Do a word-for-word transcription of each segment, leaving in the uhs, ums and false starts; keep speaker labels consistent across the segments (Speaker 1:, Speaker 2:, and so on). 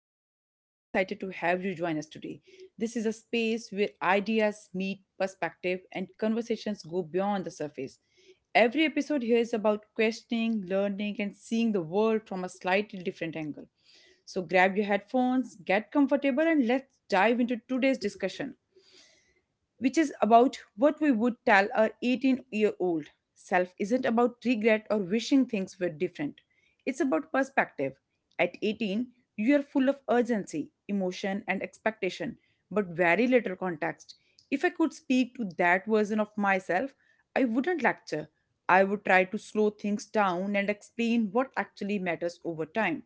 Speaker 1: and I'm truly excited to have you join us today. This is a space where ideas meet perspective and conversations go beyond the surface. Every episode here is about questioning, learning, and seeing the world from a slightly different angle. So grab your headphones, get comfortable, and let's dive into today's discussion which is about what we would tell our eighteen year old self isn't about regret or wishing things were different. It's about perspective. At eighteen, you are full of urgency, emotion, and expectation, but very little context. If I could speak to that version of myself, I wouldn't lecture. I would try to slow things down and explain what actually matters over time.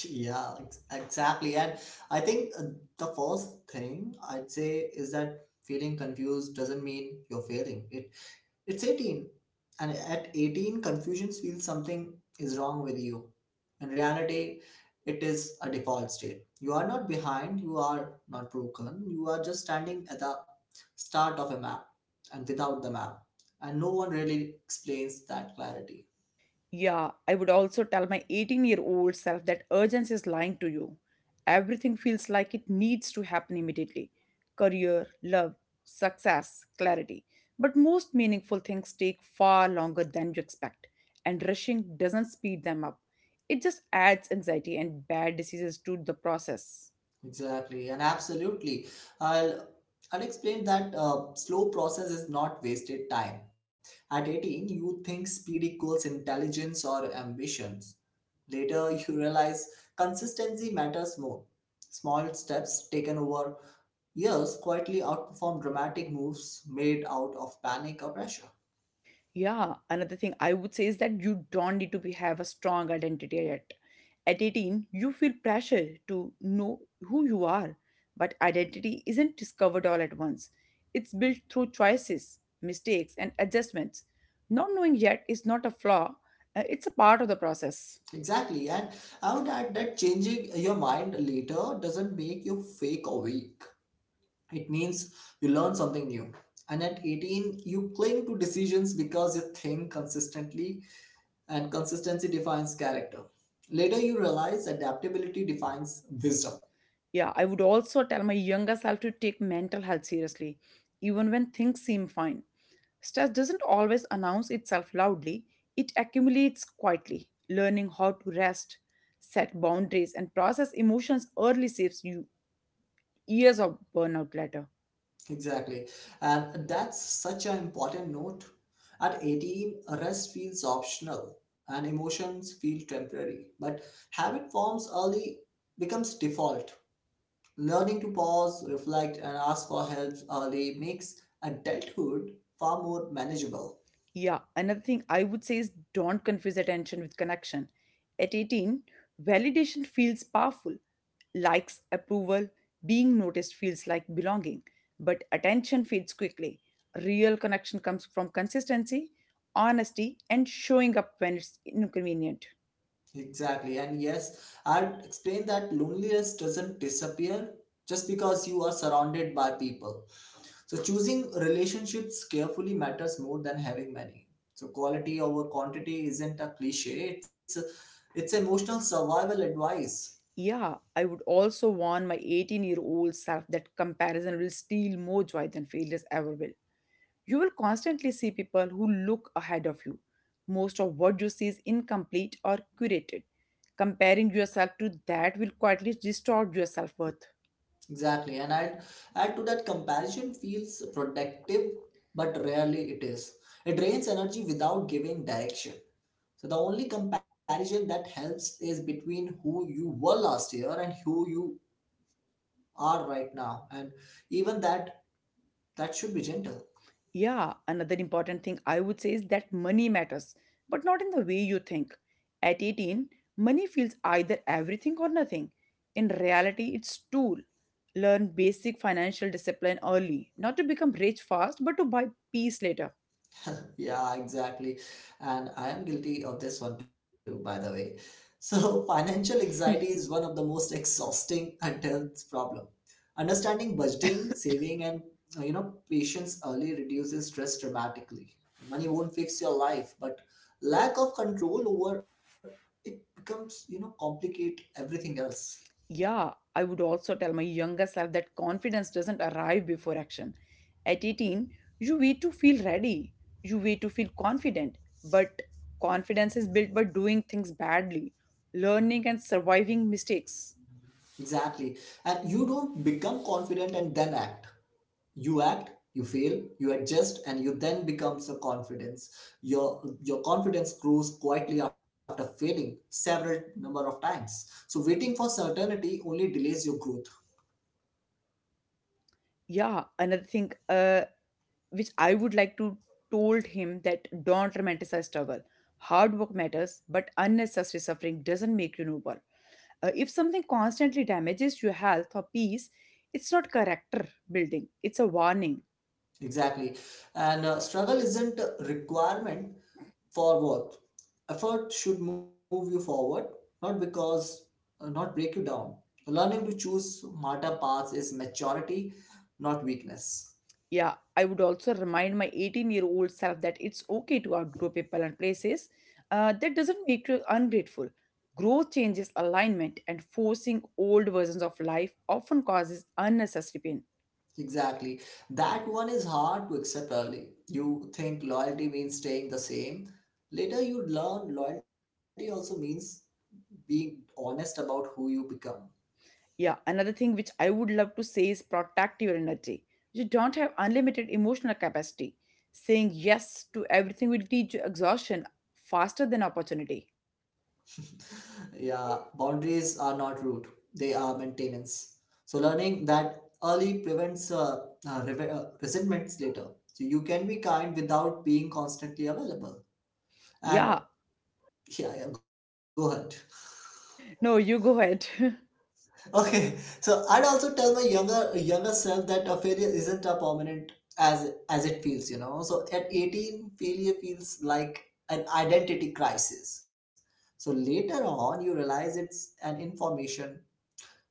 Speaker 2: Yeah, ex- exactly. And I think uh, the first thing I'd say is that feeling confused doesn't mean you're failing. It it's eighteen. And at eighteen, confusion feels something is wrong with you. In reality, it is a default state. You are not behind, you are not broken. You are just standing at the start of a map and without the map. And no one really explains that clarity.
Speaker 1: Yeah, I would also tell my eighteen year old self that urgency is lying to you. Everything feels like it needs to happen immediately career, love, success, clarity. But most meaningful things take far longer than you expect, and rushing doesn't speed them up. It just adds anxiety and bad diseases to the process.
Speaker 2: Exactly, and absolutely. I'll I'll explain that uh, slow process is not wasted time. At eighteen, you think speed equals intelligence or ambitions. Later, you realize consistency matters more. Small steps taken over years quietly outperform dramatic moves made out of panic or pressure.
Speaker 1: Yeah, another thing I would say is that you don't need to be, have a strong identity yet. At eighteen, you feel pressure to know who you are, but identity isn't discovered all at once. It's built through choices, mistakes, and adjustments. Not knowing yet is not a flaw, uh, it's a part of the process.
Speaker 2: Exactly, and I would add that changing your mind later doesn't make you fake or weak. It means you learn something new. And at eighteen, you cling to decisions because you think consistently, and consistency defines character. Later, you realize adaptability defines wisdom.
Speaker 1: Yeah, I would also tell my younger self to take mental health seriously, even when things seem fine. Stress doesn't always announce itself loudly, it accumulates quietly. Learning how to rest, set boundaries, and process emotions early saves you years of burnout later.
Speaker 2: Exactly. And that's such an important note. At eighteen, rest feels optional and emotions feel temporary, but habit forms early becomes default. Learning to pause, reflect, and ask for help early makes adulthood far more manageable.
Speaker 1: Yeah, another thing I would say is don't confuse attention with connection. At eighteen, validation feels powerful. Likes, approval, being noticed feels like belonging, but attention fades quickly. Real connection comes from consistency, honesty, and showing up when it's inconvenient.
Speaker 2: Exactly. And yes, I'd explain that loneliness doesn't disappear just because you are surrounded by people. So choosing relationships carefully matters more than having many. So quality over quantity isn't a cliche. It's a, it's emotional survival advice.
Speaker 1: Yeah, I would also warn my eighteen year old self that comparison will steal more joy than failures ever will. You will constantly see people who look ahead of you. Most of what you see is incomplete or curated. Comparing yourself to that will quietly distort your self worth.
Speaker 2: Exactly, and add add to that comparison feels productive, but rarely it is. It drains energy without giving direction. So the only comparison that helps is between who you were last year and who you are right now, and even that that should be gentle.
Speaker 1: Yeah, another important thing I would say is that money matters, but not in the way you think. At eighteen, money feels either everything or nothing. In reality, it's tool. Learn basic financial discipline early, not to become rich fast, but to buy peace later.
Speaker 2: Yeah, exactly. And I am guilty of this one too, by the way. So, financial anxiety is one of the most exhausting adult problem. Understanding budgeting, saving, and uh, you know, patience early reduces stress dramatically. Money won't fix your life, but lack of control over it becomes, you know, complicate everything else.
Speaker 1: Yeah, I would also tell my younger self that confidence doesn't arrive before action. At eighteen, you wait to feel ready, you wait to feel confident, but confidence is built by doing things badly, learning and surviving mistakes.
Speaker 2: Exactly. And you don't become confident and then act. You act, you fail, you adjust, and you then becomes your confidence, your your confidence grows quietly after failing several number of times. So waiting for certainty only delays your growth.
Speaker 1: Yeah, another thing uh, which I would like to told him that don't romanticize struggle. Hard work matters, but unnecessary suffering doesn't make you noble. Uh, if something constantly damages your health or peace, it's not character building, it's a warning.
Speaker 2: Exactly, and uh, struggle isn't a requirement for worth. Effort should move you forward, not because uh, not break you down. Learning to choose smarter paths is maturity, not weakness.
Speaker 1: Yeah, I would also remind my eighteen year old self that it's okay to outgrow people and places. Uh, that doesn't make you ungrateful. Growth changes alignment, and forcing old versions of life often causes unnecessary pain.
Speaker 2: Exactly. That one is hard to accept early. You think loyalty means staying the same. Later, you learn loyalty also means being honest about who you become.
Speaker 1: Yeah, another thing which I would love to say is protect your energy. You don't have unlimited emotional capacity. Saying yes to everything will teach you exhaustion faster than opportunity.
Speaker 2: Yeah, boundaries are not rude, they are maintenance. So, learning that early prevents uh, uh, reve- uh, resentments later. So, you can be kind without being constantly available. And
Speaker 1: Yeah,
Speaker 2: yeah, yeah, go ahead.
Speaker 1: no, you go ahead.
Speaker 2: Okay, so I'd also tell my younger younger self that a failure isn't a permanent as as it feels, you know. So at eighteen, failure feels like an identity crisis. So later on, you realize it's an information,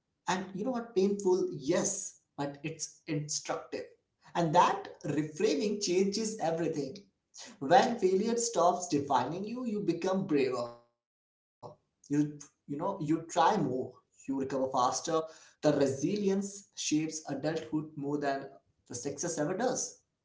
Speaker 2: and you know what, painful, yes, but it's instructive, and that reframing changes everything. When failure stops defining you, you become braver, you you know, you try more, you recover faster. The resilience shapes adulthood more than the success ever does.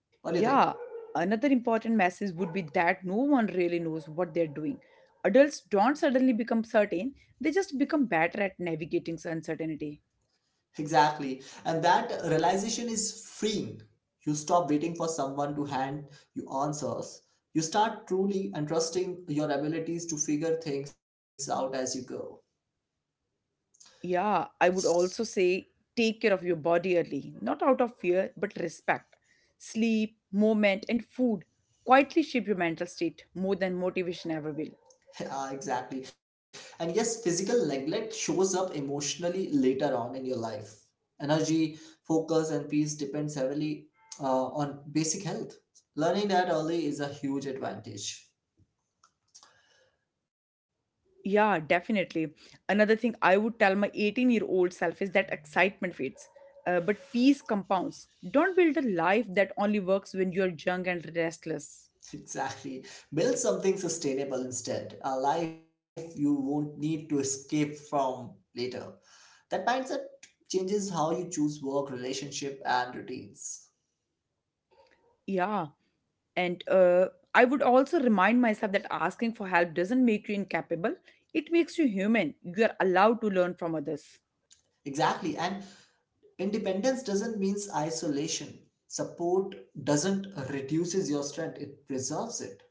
Speaker 2: What do you think?
Speaker 1: Yeah, another important message would be that no one really knows what they're doing. Adults don't suddenly become certain, they just become better at navigating uncertainty.
Speaker 2: Exactly, and that realization is freeing. You stop waiting for someone to hand you answers. You start truly and trusting your abilities to figure things out as you go.
Speaker 1: Yeah, I would also say take care of your body early, not out of fear, but respect. Sleep, movement, and food quietly shape your mental state more than motivation ever will.
Speaker 2: Uh, exactly. And yes, physical neglect shows up emotionally later on in your life. Energy, focus, and peace depends heavily uh, on basic health. Learning that early is a huge advantage.
Speaker 1: Yeah, definitely. Another thing I would tell my eighteen year old self is that excitement fades, uh, but peace compounds. Don't build a life that only works when you are young and restless.
Speaker 2: Exactly. Build something sustainable instead, a life you won't need to escape from later. That mindset changes how you choose work, relationship, and routines.
Speaker 1: Yeah, And uh, I would also remind myself that asking for help doesn't make you incapable, it makes you human. You are allowed to learn from others.
Speaker 2: Exactly. And independence doesn't means isolation. Support doesn't reduces your strength; it preserves it.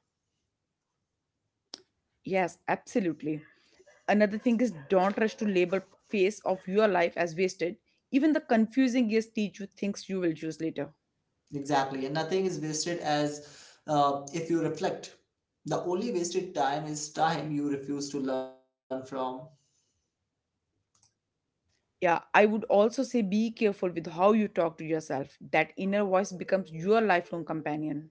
Speaker 1: Yes, absolutely. Another thing is don't rush to label phase of your life as wasted. Even the confusing years teach you things you will use later.
Speaker 2: Exactly, and nothing is wasted as uh, if you reflect. The only wasted time is time you refuse to learn from.
Speaker 1: Yeah, I would also say be careful with how you talk to yourself. That inner voice becomes your lifelong companion.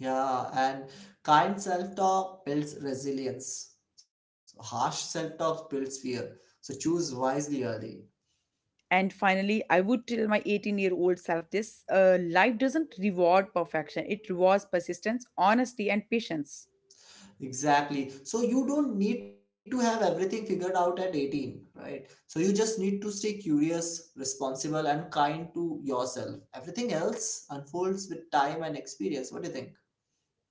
Speaker 2: Yeah, and kind self-talk builds resilience. So harsh self-talk builds fear. So choose wisely early.
Speaker 1: And finally, I would tell my eighteen year old self this uh, life doesn't reward perfection, it rewards persistence, honesty, and patience.
Speaker 2: Exactly. So you don't need to have everything figured out at eighteen, right? So you just need to stay curious, responsible, and kind to yourself. Everything else unfolds with time and experience. What do you think?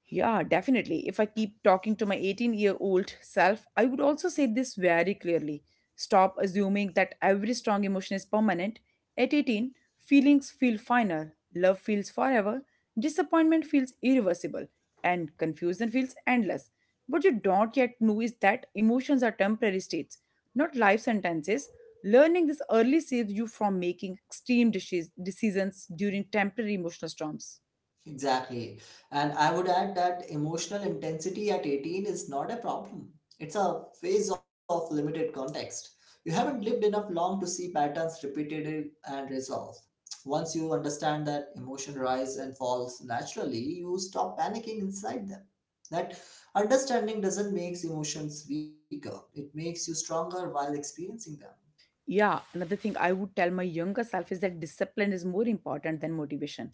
Speaker 1: Yeah, definitely. If I keep talking to my eighteen year old self, I would also say this very clearly. Stop assuming that every strong emotion is permanent. At eighteen, feelings feel final, love feels forever, disappointment feels irreversible, and confusion feels endless. What you don't yet know is that emotions are temporary states, not life sentences. Learning this early saves you from making extreme decis- decisions during temporary emotional storms.
Speaker 2: Exactly. And I would add that emotional intensity at eighteen is not a problem. It's a phase of limited context. You haven't lived enough long to see patterns repeated and resolve. Once you understand that emotion rise and falls naturally, you stop panicking inside them. That understanding doesn't make emotions weaker, it makes you stronger while experiencing them.
Speaker 1: Yeah, another thing I would tell my younger self is that discipline is more important than motivation.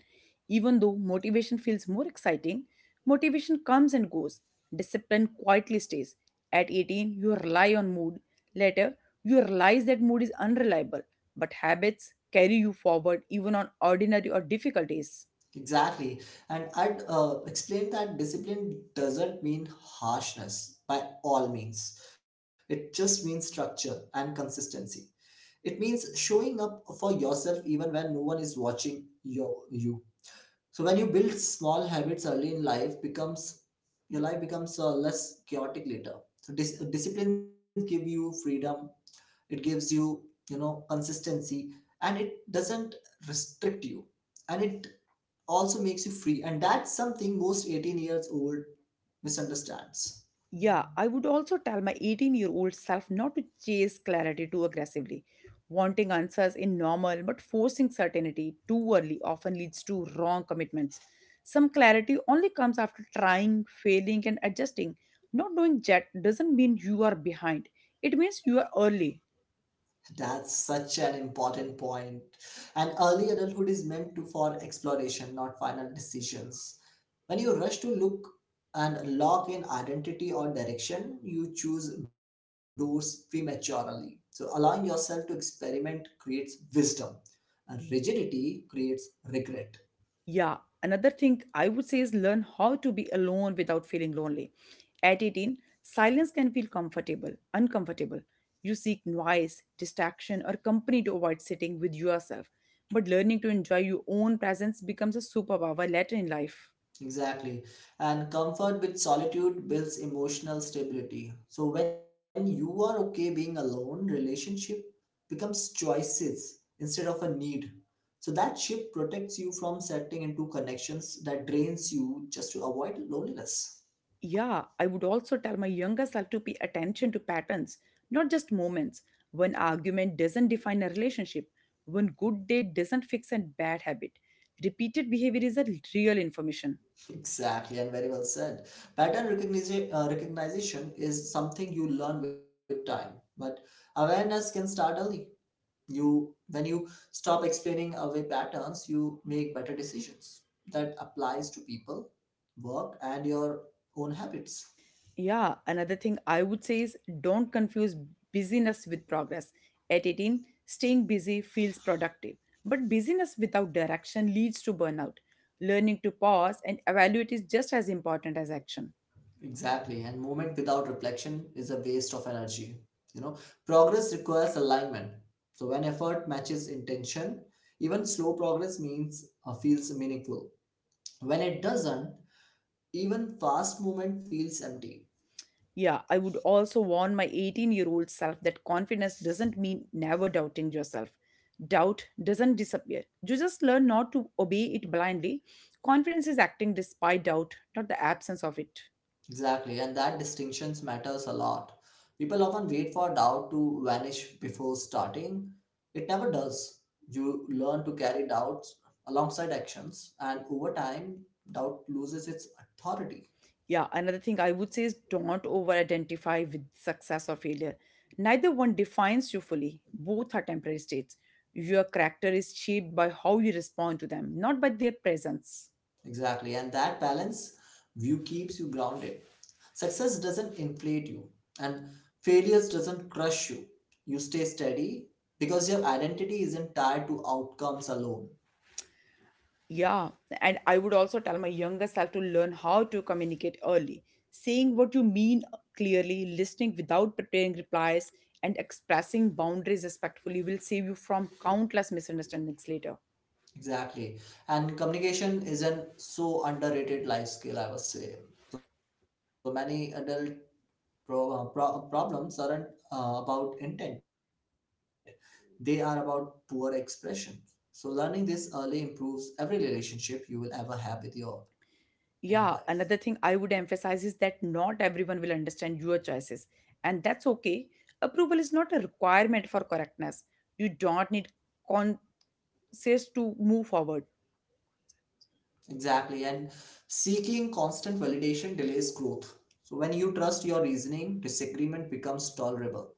Speaker 1: Even though motivation feels more exciting, motivation comes and goes. Discipline quietly stays. At eighteen, you rely on mood. Later, you realize that mood is unreliable, but habits carry you forward even on ordinary or difficult days.
Speaker 2: Exactly. And I'd uh, explain that discipline doesn't mean harshness by all means. It just means structure and consistency. It means showing up for yourself even when no one is watching your you. So when you build small habits early in life, becomes your life becomes uh, less chaotic later. So dis- disciplines give you freedom. It gives you, you know, consistency, and it doesn't restrict you, and it also makes you free, and that's something most eighteen years old misunderstands.
Speaker 1: Yeah, I would also tell my eighteen year old self not to chase clarity too aggressively. Wanting answers in normal but forcing certainty too early often leads to wrong commitments. Some clarity only comes after trying, failing, and adjusting. Not doing yet doesn't mean you are behind, it means you are early.
Speaker 2: That's such an important point point. And early adulthood is meant to for exploration, not final decisions. When you rush to look and lock in identity or direction, you choose doors prematurely, so allowing yourself to experiment creates wisdom, and rigidity creates regret.
Speaker 1: Yeah, another thing I would say is learn how to be alone without feeling lonely. At eighteen, silence can feel comfortable, uncomfortable. You seek noise, distraction, or company to avoid sitting with yourself. But learning to enjoy your own presence becomes a superpower later in life.
Speaker 2: Exactly. And comfort with solitude builds emotional stability. So when you are okay being alone, relationship becomes choices instead of a need. So that shift protects you from settling into connections that drains you just to avoid loneliness.
Speaker 1: Yeah, I would also tell my younger self to pay attention to patterns, not just moments. One argument doesn't define a relationship, one good day doesn't fix a bad habit. Repeated behavior is a real information.
Speaker 2: Exactly, and very well said. Pattern recognition, uh, recognition is something you learn with time, but awareness can startle you. When you stop explaining away patterns, you make better decisions. That applies to people, work, and your own habits.
Speaker 1: Yeah, another thing I would say is don't confuse busyness with progress. At eighteen, staying busy feels productive, but busyness without direction leads to burnout. Learning to pause and evaluate is just as important as action.
Speaker 2: Exactly, and movement without reflection is a waste of energy, you know. Progress requires alignment, so when effort matches intention, even slow progress means uh, feels meaningful. When it doesn't, even fast movement feels empty.
Speaker 1: Yeah, I would also warn my eighteen year old self that confidence doesn't mean never doubting yourself. Doubt doesn't disappear. You just learn not to obey it blindly. Confidence is acting despite doubt, not the absence of it.
Speaker 2: Exactly, and that distinctions matters a lot. People often wait for doubt to vanish before starting. It never does. You learn to carry doubts alongside actions, and over time, doubt loses its authority.
Speaker 1: Yeah, another thing I would say is don't over identify with success or failure. Neither one defines you fully, both are temporary states. Your character is shaped by how you respond to them, not by their presence.
Speaker 2: Exactly, and that balance view keeps you grounded. Success doesn't inflate you, and failures doesn't crush you. You stay steady because your identity isn't tied to outcomes alone.
Speaker 1: Yeah, and I would also tell my younger self to learn how to communicate early, saying what you mean uh, clearly, listening without preparing replies, and expressing boundaries respectfully will save you from countless misunderstandings later.
Speaker 2: Exactly. And communication is an so underrated life skill, I would say. So many adult pro- uh, pro- problems aren't uh, about intent, they are about poor expression. So learning this early improves every relationship you will ever have with your in your life.
Speaker 1: Yeah, another thing I would emphasize is that not everyone will understand your choices, and that's okay. Approval is not a requirement for correctness. You don't need con- says to move forward.
Speaker 2: Exactly. And seeking constant validation delays growth. So when you trust your reasoning, disagreement becomes tolerable.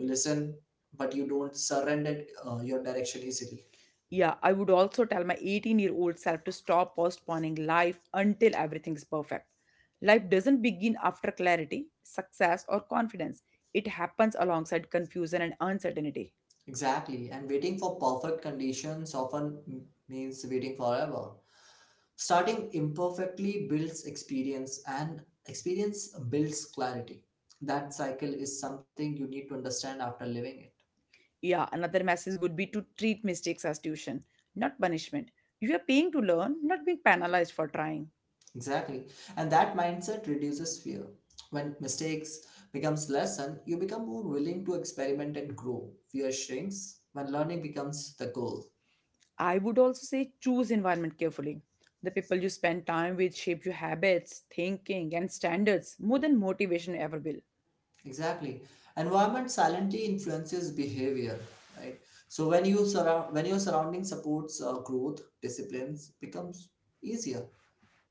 Speaker 2: You listen, but you don't surrender uh, your direction easily.
Speaker 1: Yeah, I would also tell my eighteen year old self to stop postponing life until everything's perfect. Life doesn't begin after clarity, success, or confidence, it happens alongside confusion and uncertainty.
Speaker 2: Exactly, and waiting for perfect conditions often m- means waiting forever. Starting imperfectly builds experience, and experience builds clarity. That cycle is something you need to understand after living it.
Speaker 1: Yeah, another message would be to treat mistakes as tuition, not punishment. You are paying to learn, not being penalized for trying.
Speaker 2: Exactly, and that mindset reduces fear. When mistakes becomes lesson, you become more willing to experiment and grow. Fear shrinks when learning becomes the goal.
Speaker 1: I would also say choose environment carefully. The people you spend time with shape your habits, thinking, and standards more than motivation ever will.
Speaker 2: Exactly. Environment silently influences behavior, right? So when you surround when your surrounding supports uh, growth, disciplines becomes easier.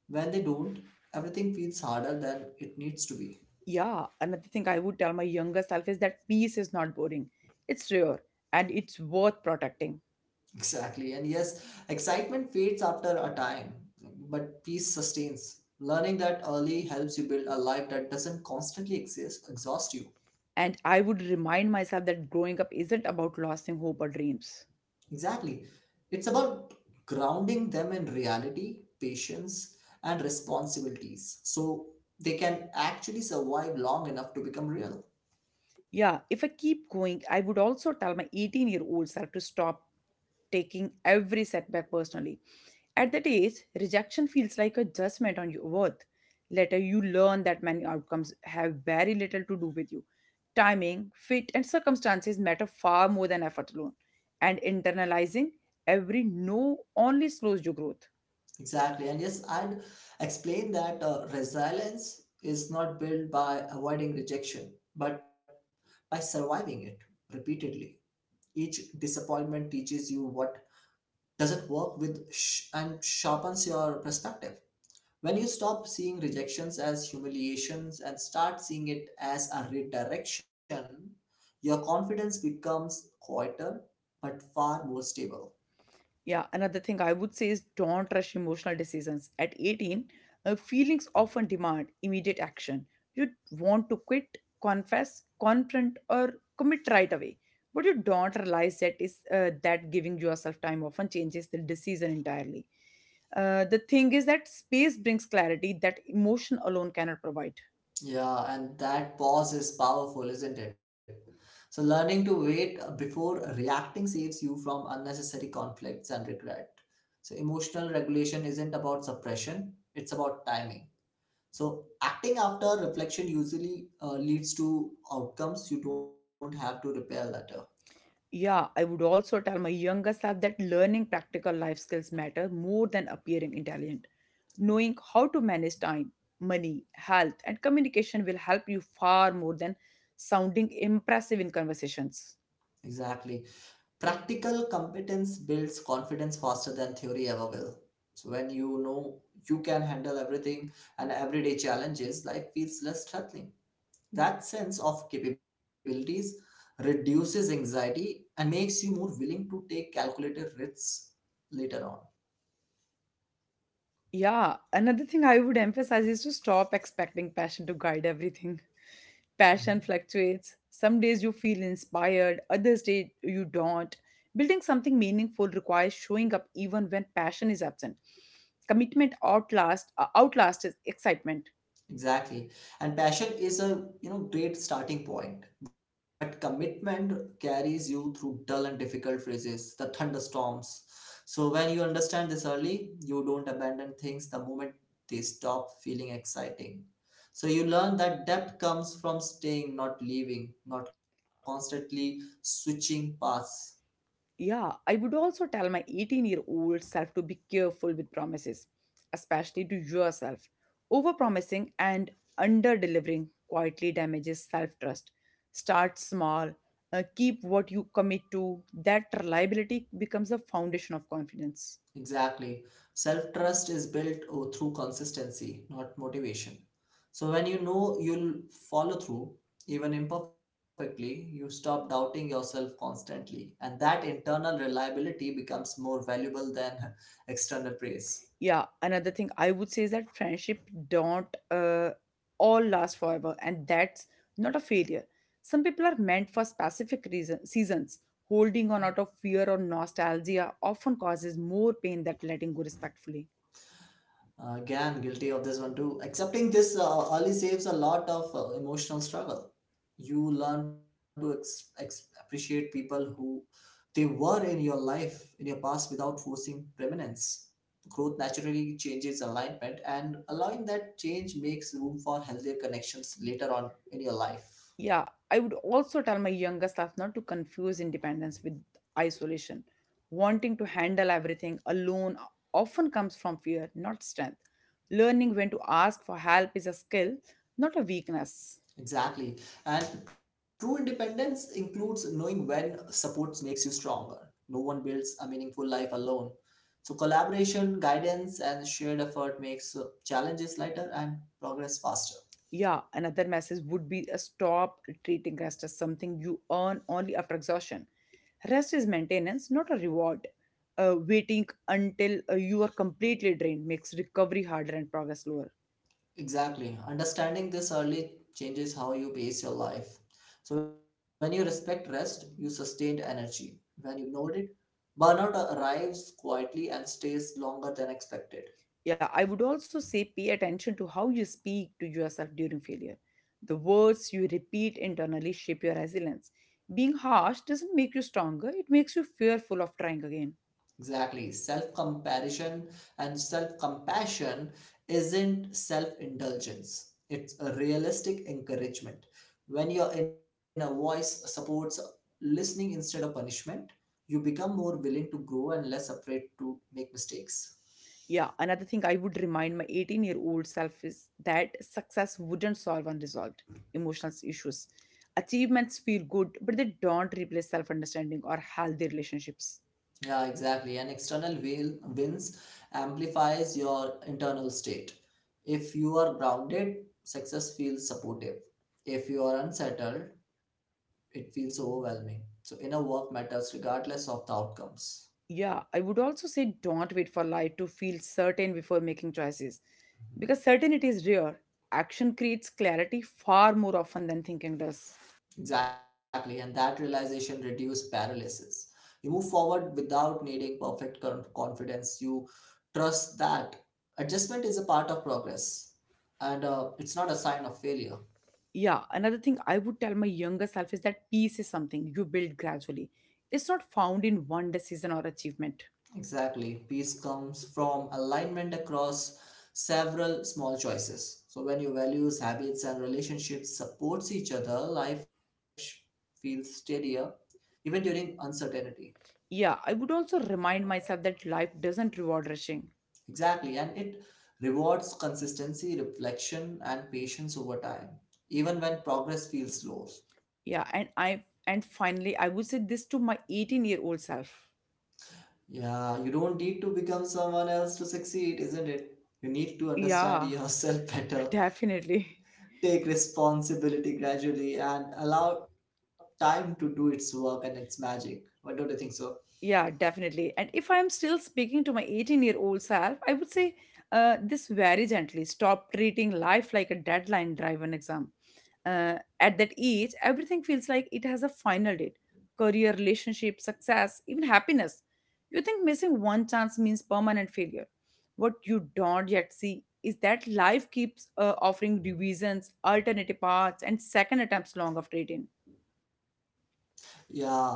Speaker 2: When they don't, everything feels harder than it needs to be.
Speaker 1: Yeah, another thing I would tell my younger self is that peace is not boring. It's rare and it's worth protecting.
Speaker 2: Exactly. And yes, excitement fades after a time, but peace sustains. Learning that early helps you build a life that doesn't constantly exist, exhaust you.
Speaker 1: And I would remind myself that growing up isn't about losing hope or dreams.
Speaker 2: Exactly. It's about grounding them in reality, patience, and responsibilities so they can actually survive long enough to become real.
Speaker 1: Yeah, if I keep going, I would also tell my eighteen year old self to stop taking every setback personally. At that age, rejection feels like a judgment on your worth. Later, you learn that many outcomes have very little to do with you. Timing, fit, and circumstances matter far more than effort alone, and internalizing every no only slows your growth.
Speaker 2: Exactly. And yes, I'd explain that uh, resilience is not built by avoiding rejection, but by surviving it repeatedly. Each disappointment teaches you what doesn't work with sh- and sharpens your perspective. When you stop seeing rejections as humiliations and start seeing it as a redirection, your confidence becomes quieter but far more stable.
Speaker 1: Yeah, another thing I would say is don't rush emotional decisions. At eighteen, uh, feelings often demand immediate action. You want to quit, confess, confront, or commit right away. What you don't realize that is uh, that giving yourself time often changes the decision entirely. Uh, the thing is that space brings clarity that emotion alone cannot provide.
Speaker 2: Yeah, and that pause is powerful, isn't it? So, learning to wait before reacting saves you from unnecessary conflicts and regret. So, emotional regulation isn't about suppression, it's about timing. So, acting after reflection usually uh, leads to outcomes you don't have to repair later.
Speaker 1: Yeah, I would also tell my younger self that learning practical life skills matter more than appearing intelligent. Knowing how to manage time, money, health, and communication will help you far more than sounding impressive in conversations.
Speaker 2: Exactly. Practical competence builds confidence faster than theory ever will. So when you know you can handle everything and everyday challenges, life feels less threatening. That sense of capabilities reduces anxiety and makes you more willing to take calculated risks later on.
Speaker 1: Yeah, another thing I would emphasize is to stop expecting passion to guide everything. Passion fluctuates. Some days you feel inspired, others days you don't. Building something meaningful requires showing up even when passion is absent. Commitment outlast uh, outlasts excitement.
Speaker 2: Exactly. And passion is a, you know, great starting point, but commitment carries you through dull and difficult phases, the thunderstorms. So when you understand this early, you don't abandon things the moment they stop feeling exciting. So you learn that depth comes from staying, not leaving, not constantly switching paths.
Speaker 1: Yeah, I would also tell my eighteen year old self to be careful with promises, especially to yourself. Overpromising and under delivering quietly damages self trust. Start small, uh, keep what you commit to. That reliability becomes the foundation of confidence.
Speaker 2: Exactly. Self trust is built o- through consistency, not motivation. So when you know you'll follow through, even imperfectly, you stop doubting yourself constantly. And that internal reliability becomes more valuable than external praise.
Speaker 1: Yeah, another thing I would say is that friendship don't uh, all last forever, and that's not a failure. Some people are meant for specific reason, seasons. Holding on out of fear or nostalgia often causes more pain than letting go respectfully.
Speaker 2: Uh, Again, guilty of this one too. Accepting this uh, early saves a lot of uh, emotional struggle. You learn to ex- ex- appreciate people who they were in your life, in your past, without forcing permanence. Growth naturally changes alignment, and allowing that change makes room for healthier connections later on in your life.
Speaker 1: Yeah, I would also tell my younger self not to confuse independence with isolation. Wanting to handle everything alone often comes from fear, not strength. Learning when to ask for help is a skill, not a weakness.
Speaker 2: Exactly. And true independence includes knowing when support makes you stronger. No one builds a meaningful life alone. So, collaboration, guidance, and shared effort makes uh, challenges lighter and progress faster.
Speaker 1: Yeah, another message would be a stop treating rest as something you earn only after exhaustion. Rest is maintenance, not a reward. Uh, waiting until uh, you are completely drained makes recovery harder and progress slower.
Speaker 2: Exactly. Understanding this early changes how you pace your life. So, when you respect rest, you sustain energy. When you ignore it, burnout arrives quietly and stays longer than expected.
Speaker 1: Yeah, I would also say pay attention to how you speak to yourself during failure. The words you repeat internally shape your resilience. Being harsh doesn't make you stronger, it makes you fearful of trying again.
Speaker 2: Exactly. Self comparison and self compassion isn't self indulgence, it's a realistic encouragement. When your inner voice supports listening instead of punishment, you become more willing to grow and less afraid to make mistakes.
Speaker 1: Yeah, another thing I would remind my eighteen year old self is that success wouldn't solve unresolved emotional issues. Achievements feel good, but they don't replace self understanding or healthy relationships.
Speaker 2: Yeah, exactly. An external wheel wins amplifies your internal state. If you are grounded, success feels supportive. If you are unsettled, it feels overwhelming. So inner work matters regardless of the outcomes.
Speaker 1: Yeah, I would also say don't wait for life to feel certain before making choices because certainty is rare. Action creates clarity far more often than thinking does.
Speaker 2: Exactly, and that realization reduces paralysis. You move forward without needing perfect con- confidence. You trust that adjustment is a part of progress, and uh, it's not a sign of failure.
Speaker 1: Yeah, another thing I would tell my younger self is that peace is something you build gradually, it's not found in one decision or achievement.
Speaker 2: Exactly. Peace comes from alignment across several small choices. So when your values, habits and relationships supports each other, life sh- feels steadier even during uncertainty.
Speaker 1: Yeah, I would also remind myself that life doesn't reward rushing.
Speaker 2: Exactly. And it rewards consistency, reflection and patience over time, even when progress feels slow.
Speaker 1: Yeah and i and finally I would say this to my eighteen year old self.
Speaker 2: Yeah, you don't need to become someone else to succeed, isn't it? You need to understand
Speaker 1: Yeah.
Speaker 2: yourself better,
Speaker 1: Definitely.
Speaker 2: take responsibility gradually and allow time to do its work and its magic. Why don't you think so?
Speaker 1: Yeah, definitely. And if I'm still speaking to my eighteen year old self, I would say uh, this very gently. Stop treating life like a deadline driven exam. Uh, at that age, everything feels like it has a final date, career, relationship, success, even happiness. You think missing one chance means permanent failure. What you don't yet see is that life keeps uh, offering revisions, alternative paths, and second attempts long after eighteen.
Speaker 2: Yeah.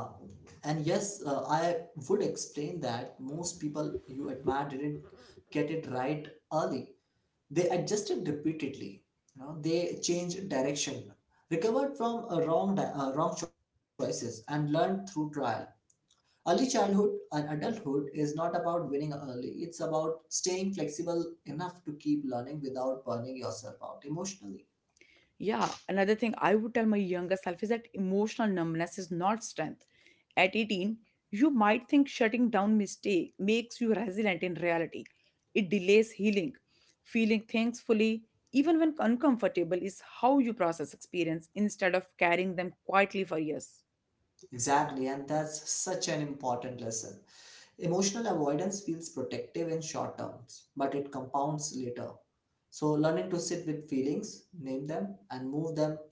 Speaker 2: And yes, uh, I would explain that most people you admire didn't get it right early. They adjusted repeatedly. You know, they changed direction, recovered from a wrong di- uh, wrong choices, and learned through trial. Early childhood and adulthood is not about winning early, it's about staying flexible enough to keep learning without burning yourself out emotionally.
Speaker 1: Yeah, another thing I would tell my younger self is that emotional numbness is not strength. At eighteen, you might think shutting down mistake makes you resilient in reality. It delays healing. Feeling things fully, even when uncomfortable, is how you process experience instead of carrying them quietly for years.
Speaker 2: Exactly, and that's such an important lesson. Emotional avoidance feels protective in short terms, but it compounds later. So, learning to sit with feelings, name them, and move them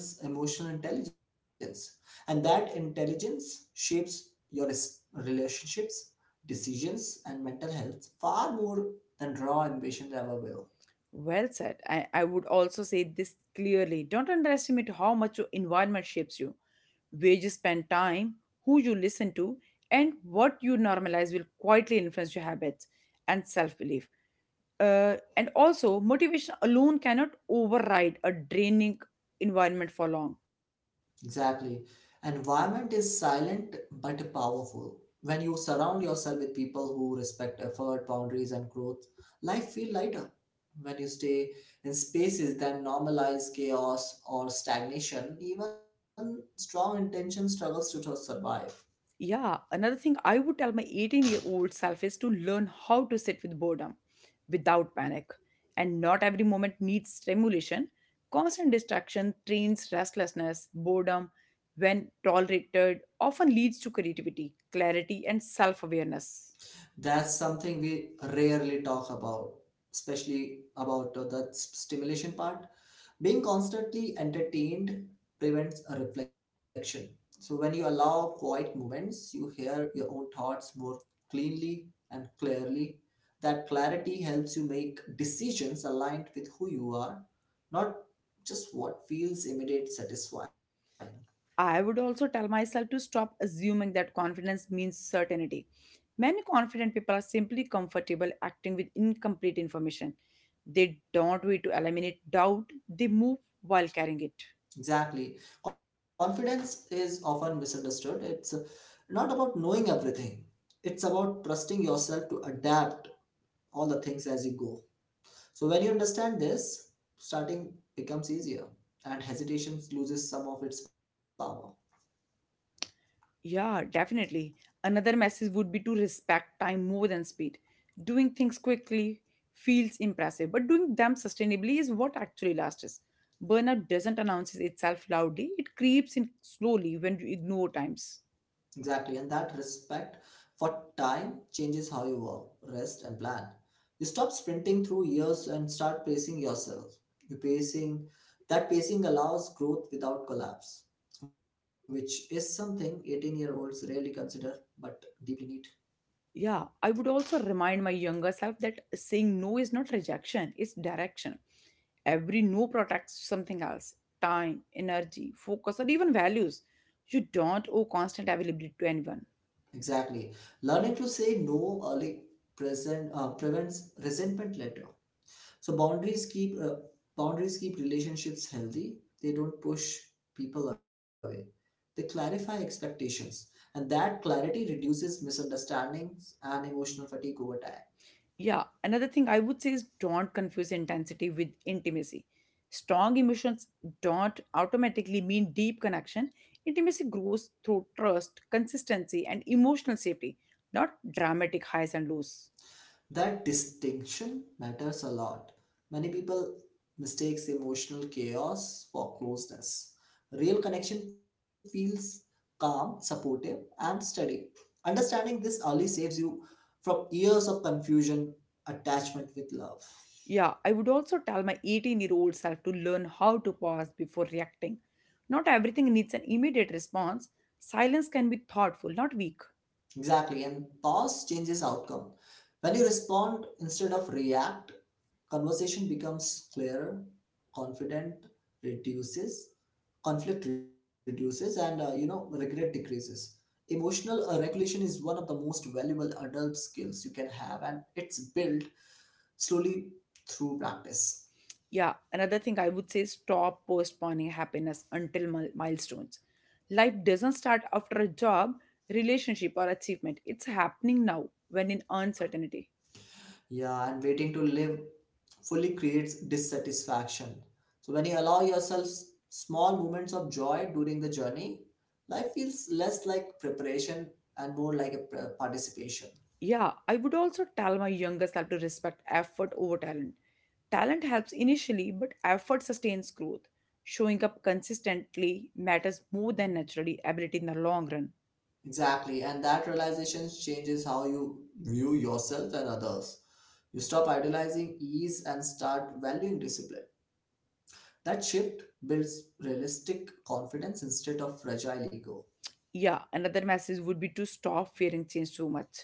Speaker 2: builds emotional intelligence, and that intelligence shapes your res- relationships, decisions and mental health far more than raw ambition ever will.
Speaker 1: Well said. I, I would also say this clearly. Don't underestimate how much your environment shapes you, where you spend time, who you listen to, and what you normalize will quietly influence your habits and self belief. Uh, and also, motivation alone cannot override a draining environment for long.
Speaker 2: Exactly, environment is silent but powerful. When you surround yourself with people who respect effort, boundaries and growth, life feels lighter. When you stay in spaces that normalize chaos or stagnation, even strong intention struggles to survive.
Speaker 1: Yeah, another thing I would tell my eighteen year old self is to learn how to sit with boredom without panic. And not every moment needs stimulation. Constant distraction trains restlessness, boredom, when tolerated, often leads to creativity, clarity, and self awareness.
Speaker 2: That's something we rarely talk about, especially about uh, the s- stimulation part. Being constantly entertained prevents a reflection. So, when you allow quiet moments, you hear your own thoughts more cleanly and clearly. That clarity helps you make decisions aligned with who you are, not just what feels immediate satisfying.
Speaker 1: I would also tell myself to stop assuming that confidence means certainty. Many confident people are simply comfortable acting with incomplete information. They don't wait to eliminate doubt, they move while carrying it.
Speaker 2: Exactly. Confidence is often misunderstood. It's uh, not about knowing everything, it's about trusting yourself to adapt all the things as you go. So, when you understand this, starting becomes easier and hesitation loses some of its power.
Speaker 1: Yeah, definitely. Another message would be to respect time more than speed. Doing things quickly feels impressive, but doing them sustainably is what actually lasts. Burnout doesn't announce itself loudly, it creeps in slowly when you ignore times.
Speaker 2: Exactly, and that respect for time changes how you work, rest, and plan. You stop sprinting through years and start pacing yourself. You pacing That pacing allows growth without collapse, which is something eighteen-year-olds rarely consider but deeply need.
Speaker 1: Yeah, I would also remind my younger self that saying no is not rejection, it's direction. Every no protects something else, time, energy, focus, or even values. You don't owe constant availability to anyone.
Speaker 2: Exactly, learning to say no early present uh, prevents resentment later. So boundaries keep uh, boundaries keep relationships healthy. They don't push people away. They clarify expectations, and that clarity reduces misunderstandings and emotional fatigue over time.
Speaker 1: Yeah, another thing I would say is don't confuse intensity with intimacy. Strong emotions don't automatically mean deep connection. Intimacy grows through trust, consistency, and emotional safety, not dramatic highs and lows.
Speaker 2: That distinction matters a lot. Many people mistakes emotional chaos for closeness. Real connection feels calm, supportive, and steady. Understanding this early saves you from years of confusion, attachment with love.
Speaker 1: Yeah, I would also tell my eighteen year old self to learn how to pause before reacting. Not everything needs an immediate response. Silence can be thoughtful, not weak.
Speaker 2: Exactly, and pause changes outcome. When you respond instead of react, conversation becomes clearer, confident reduces, conflict reduces, and uh, you know, regret decreases. Emotional uh, regulation is one of the most valuable adult skills you can have, and it's built slowly through practice.
Speaker 1: Yeah, another thing I would say is stop postponing happiness until mil- milestones. Life doesn't start after a job, relationship, or achievement, it's happening now when in uncertainty.
Speaker 2: Yeah, and waiting to live fully creates dissatisfaction. So when you allow yourself s- small moments of joy during the journey, life feels less like preparation and more like a pr- participation.
Speaker 1: Yeah, I would also tell my younger self to respect effort over talent. Talent helps initially, but effort sustains growth. Showing up consistently matters more than naturally ability in the long run.
Speaker 2: Exactly, and that realization changes how you view yourself and others. You stop idolizing ease and start valuing discipline. That shift builds realistic confidence instead of fragile ego.
Speaker 1: Yeah, another message would be to stop fearing change so much.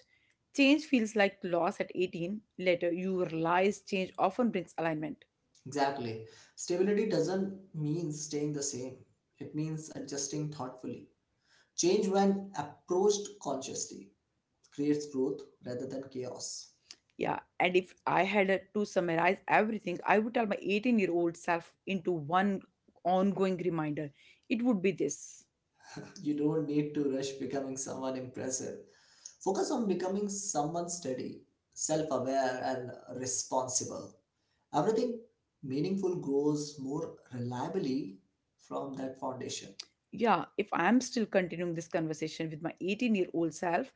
Speaker 1: Change feels like loss at eighteen. Later, you realize change often brings alignment.
Speaker 2: Exactly. Stability doesn't mean staying the same, it means adjusting thoughtfully. Change, when approached consciously, creates growth rather than chaos.
Speaker 1: Yeah, and if I had uh, to summarize everything, I would tell my eighteen year old self into one ongoing reminder. It would be this.
Speaker 2: You don't need to rush becoming someone impressive. Focus on becoming someone steady, self aware, and responsible. Everything meaningful grows more reliably from that foundation.
Speaker 1: Yeah, if I'm still continuing this conversation with my eighteen year old self,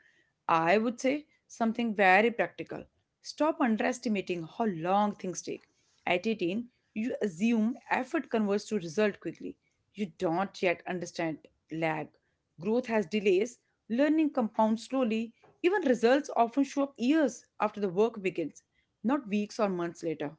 Speaker 1: I would say something very practical. Stop underestimating how long things take. At eighteen, you assume effort converts to result quickly. You don't yet understand lag. Growth has delays, learning compounds slowly, even results often show up years after the work begins, not weeks or months later.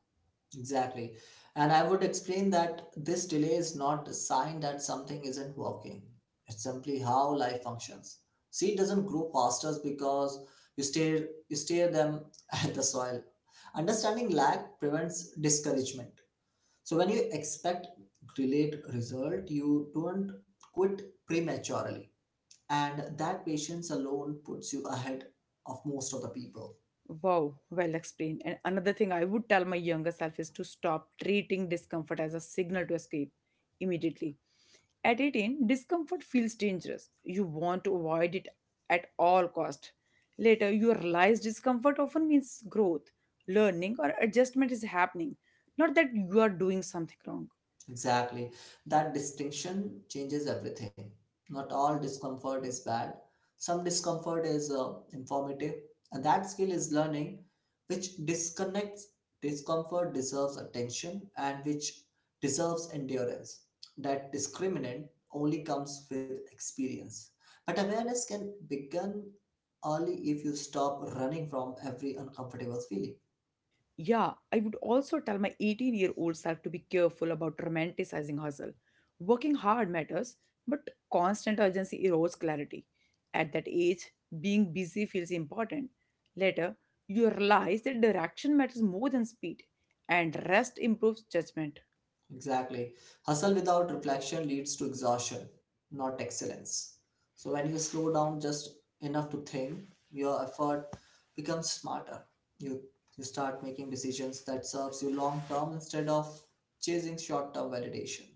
Speaker 2: Exactly. And I would explain that this delay is not a sign that something isn't working. It's simply how life functions. Seed doesn't grow faster because you stare you stare them at the soil. Understanding lack prevents discouragement. So when you expect delayed result, you don't quit prematurely. And that patience alone puts you ahead of most of the people.
Speaker 1: Wow, well explained. And another thing I would tell my younger self is to stop treating discomfort as a signal to escape immediately. At eighteen, discomfort feels dangerous. You want to avoid it at all cost. Later, you realize discomfort often means growth, learning or adjustment is happening, not that you are doing something wrong.
Speaker 2: Exactly. That distinction changes everything. Not all discomfort is bad. Some discomfort is uh, informative, and that skill is learning, which disconnects discomfort deserves attention and which deserves endurance. That discriminant only comes with experience. But awareness can begin early if you stop running from every uncomfortable feeling.
Speaker 1: Yeah, I would also tell my eighteen year old self to be careful about romanticizing hustle. Working hard matters, but constant urgency erodes clarity. At that age, being busy feels important. Later, you realize that direction matters more than speed, and rest improves judgment.
Speaker 2: Exactly. Hustle without reflection leads to exhaustion, not excellence. So when you slow down just enough to think, your effort becomes smarter. You you start making decisions that serves you long term instead of chasing short term validation.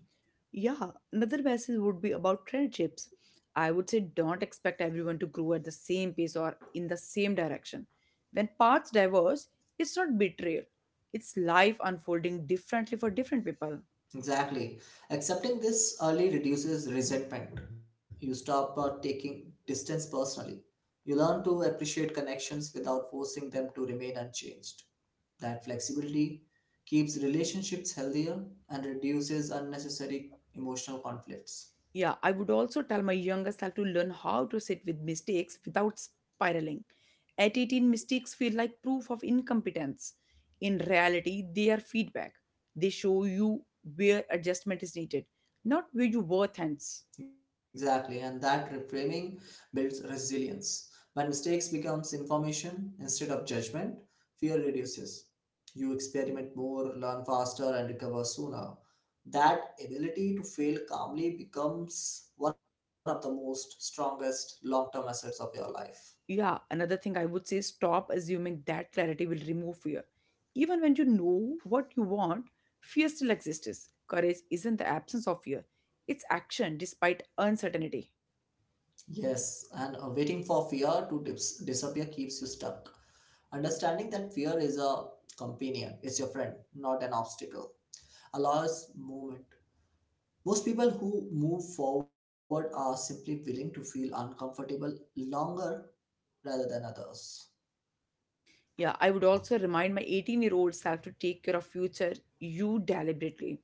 Speaker 1: Yeah, another message would be about friendships. I would say don't expect everyone to grow at the same pace or in the same direction. When paths diverge, it's not betrayal, it's life unfolding differently for different people.
Speaker 2: Exactly. Accepting this early reduces resentment. You stop uh, taking distance personally. You learn to appreciate connections without forcing them to remain unchanged. That flexibility keeps relationships healthier and reduces unnecessary emotional conflicts.
Speaker 1: Yeah, I would also tell my younger self to learn how to sit with mistakes without spiraling. At eighteen, mistakes feel like proof of incompetence. In reality, they are feedback. They show you where adjustment is needed, not where your worth ends.
Speaker 2: Exactly, and that reframing builds resilience. When mistakes becomes information instead of judgment, fear reduces. You experiment more, learn faster, and recover sooner. That ability to fail calmly becomes one of the most strongest long-term assets of your life.
Speaker 1: Yeah, another thing I would say stop assuming that clarity will remove fear. Even when you know what you want, fear still exists. Courage isn't the absence of fear, it's action despite uncertainty.
Speaker 2: Yes, and uh, waiting for fear to dis- disappear keeps you stuck. Understanding that fear is a companion, it's your friend, not an obstacle, allows movement. Most people who move forward are simply willing to feel uncomfortable longer rather than others.
Speaker 1: Yeah, I would also remind my eighteen year old self to take care of future you deliberately.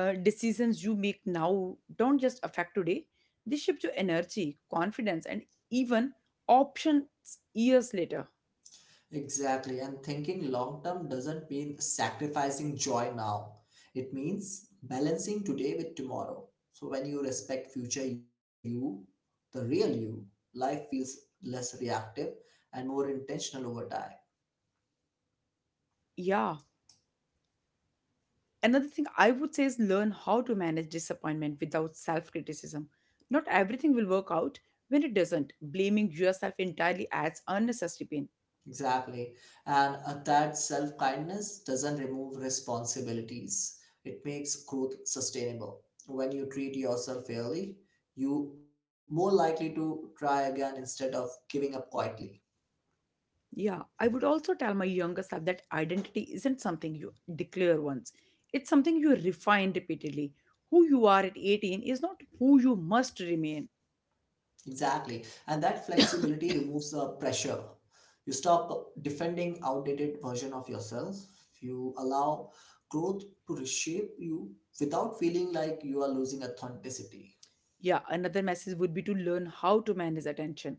Speaker 1: uh, Decisions you make now don't just affect today, they shift your energy confidence and even options years later.
Speaker 2: Exactly, and thinking long term doesn't mean sacrificing joy now. It means balancing today with tomorrow. So when you respect future you, the real you, life feels less reactive and more intentional over time.
Speaker 1: Yeah. Another thing I would say is learn how to manage disappointment without self criticism. Not everything will work out. When it doesn't, blaming yourself entirely adds unnecessary pain.
Speaker 2: Exactly. And uh, that self kindness doesn't remove responsibilities, it makes growth sustainable. When you treat yourself fairly, you more likely to try again instead of giving up quietly.
Speaker 1: Yeah, I would also tell my younger self that identity isn't something you declare once, it's something you refine repeatedly. Who you are at eighteen is not who you must remain.
Speaker 2: Exactly. And that flexibility removes uh, pressure. You stop defending outdated version of yourself. You allow growth to reshape you without feeling like you are losing authenticity.
Speaker 1: Yeah, another message would be to learn how to manage attention.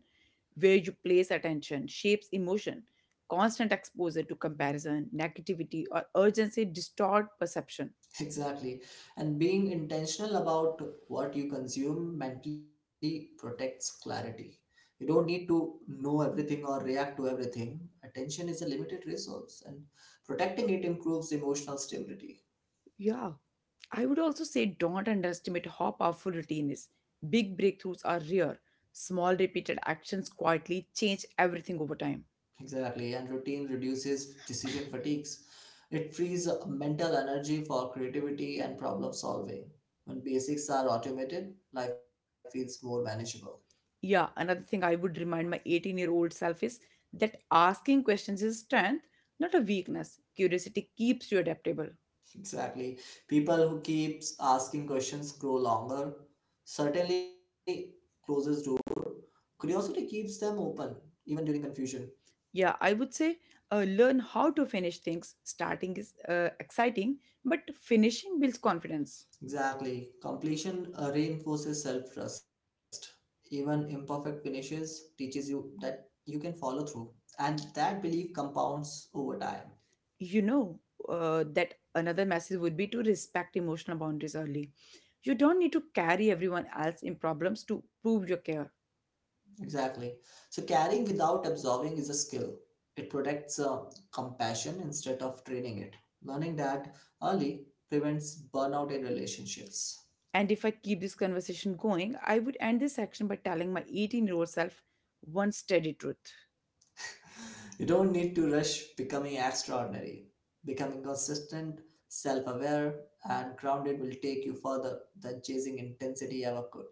Speaker 1: Where you place attention shapes emotion. Constant exposure to comparison, negativity, or urgency distort perception.
Speaker 2: Exactly. And being intentional about what you consume mentally protects clarity. You don't need to know everything or react to everything. Attention is a limited resource, and protecting it improves emotional stability.
Speaker 1: Yeah, I would also say don't underestimate how powerful routine is. Big breakthroughs are rare. Small repeated actions quietly change everything over time.
Speaker 2: Exactly. And routine reduces decision fatigues. It frees up mental energy for creativity and problem solving. When basics are automated, life feels more manageable.
Speaker 1: Yeah, another thing I would remind my eighteen year old self is that asking questions is strength, not a weakness. Curiosity keeps you adaptable.
Speaker 2: Exactly. People who keeps asking questions grow longer. Certainly closes door. Curiosity keeps them open, even during confusion.
Speaker 1: Yeah, I would say uh, learn how to finish things. Starting is uh, exciting, but finishing builds confidence.
Speaker 2: Exactly. Completion uh, reinforces self trust. Even imperfect finishes teaches you that you can follow through, and that belief compounds over time.
Speaker 1: You know, uh, that another message would be to respect emotional boundaries early. You don't need to carry everyone else in problems to prove your care.
Speaker 2: Exactly. So caring without absorbing is a skill. It protects uh, compassion instead of training it. Learning that early prevents burnout in relationships.
Speaker 1: And if I keep this conversation going, I would end this section by telling my eighteen year old self one steady truth.
Speaker 2: You don't need to rush becoming extraordinary. Becoming consistent, self aware, and grounded will take you further than chasing intensity ever could.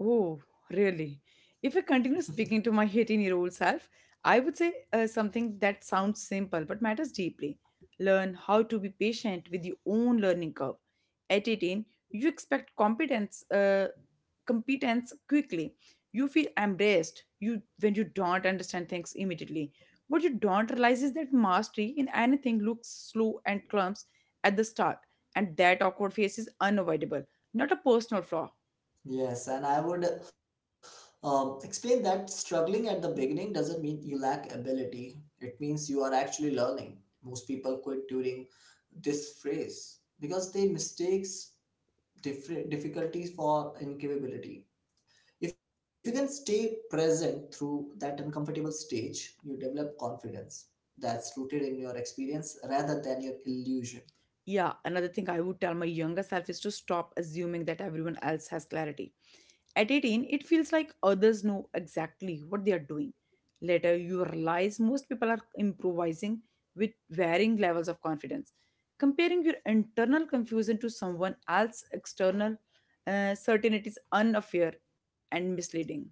Speaker 1: Oh, really? If I continue speaking to my eighteen year old self, I would say uh, something that sounds simple but matters deeply. Learn how to be patient with your own learning curve. At eighteen, you expect competence, uh, competence quickly. You feel embraced you when you don't understand things immediately. What you don't realize is that mastery in anything looks slow and clumps at the start, and that awkward phase is unavoidable, not a personal flaw.
Speaker 2: Yes, and I would um, explain that struggling at the beginning doesn't mean you lack ability. It means you are actually learning. Most people quit during this phase because they mistakes different difficulties for incapability. If you can stay present through that uncomfortable stage, you develop confidence that's rooted in your experience rather than your illusion.
Speaker 1: Yeah, another thing I would tell my younger self is to stop assuming that everyone else has clarity. At eighteen, it feels like others know exactly what they are doing. Later, you realize most people are improvising with varying levels of confidence. Comparing your internal confusion to someone else's external uh, certainty is unfair and misleading.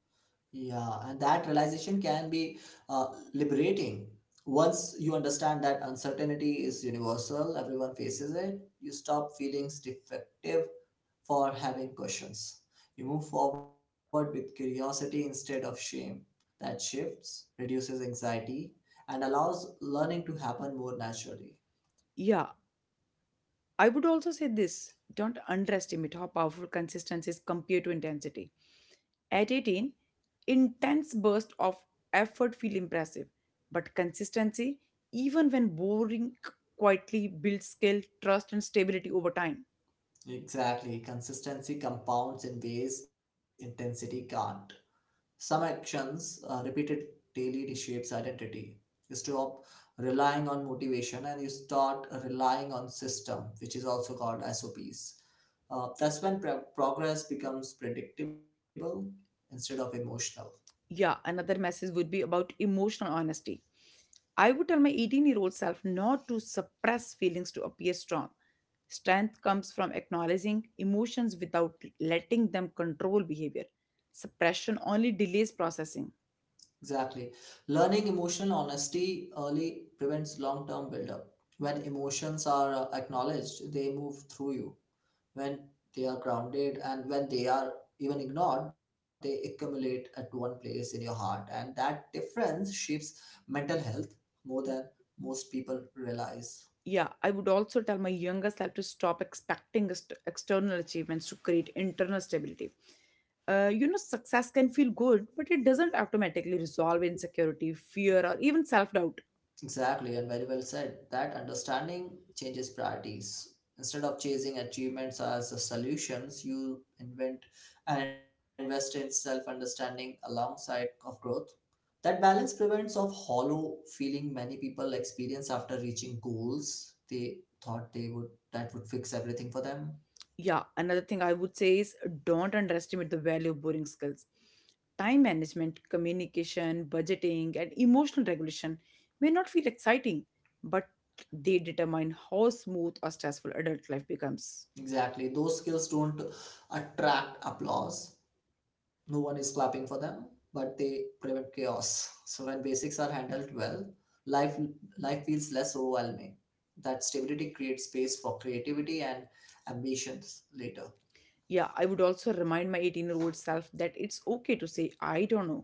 Speaker 2: Yeah, and that realization can be uh, liberating. Once you understand that uncertainty is universal, everyone faces it, you stop feeling defective for having questions. You move forward with curiosity instead of shame. That shifts, reduces anxiety, and allows learning to happen more naturally.
Speaker 1: Yeah, I would also say this don't underestimate how powerful consistency is compared to intensity. At eighteen, intense bursts of effort feel impressive, but consistency, even when boring, quietly builds skill, trust, and stability over time.
Speaker 2: Exactly. Consistency compounds in ways intensity can't. Some actions uh, repeated daily reshapes identity. You stop relying on motivation and you start relying on system, which is also called S O Ps. Uh, that's when pro- progress becomes predictable instead of emotional.
Speaker 1: Yeah, another message would be about emotional honesty. I would tell my eighteen year old self not to suppress feelings to appear strong. Strength comes from acknowledging emotions without letting them control behavior. Suppression only delays processing.
Speaker 2: Exactly. Learning emotional honesty early prevents long term buildup. When emotions are uh, acknowledged, they move through you when they are grounded, and when they are even ignored, they accumulate at one place in your heart, and that difference shapes mental health more than most people realize.
Speaker 1: yeah I would also tell my younger self to stop expecting ex- external achievements to create internal stability. Uh, you know success can feel good, but it doesn't automatically resolve insecurity, fear, or even self-doubt.
Speaker 2: Exactly, and very well said. That understanding changes priorities. Instead of chasing achievements as a solutions, you invent and invest in self understanding alongside of growth. That balance prevents of hollow feeling many people experience after reaching goals they thought they would that would fix everything for them.
Speaker 1: Yeah, another thing I would say is don't underestimate the value of boring skills. Time management, communication, budgeting, and emotional regulation may not feel exciting, but they determine how smooth or stressful adult life becomes.
Speaker 2: Exactly. Those skills don't attract applause. No one is clapping for them, but they prevent chaos. So when basics are handled well, life life feels less overwhelming. That stability creates space for creativity and ambitions later.
Speaker 1: Yeah, I would also remind my eighteen year old self that it's okay to say, I don't know.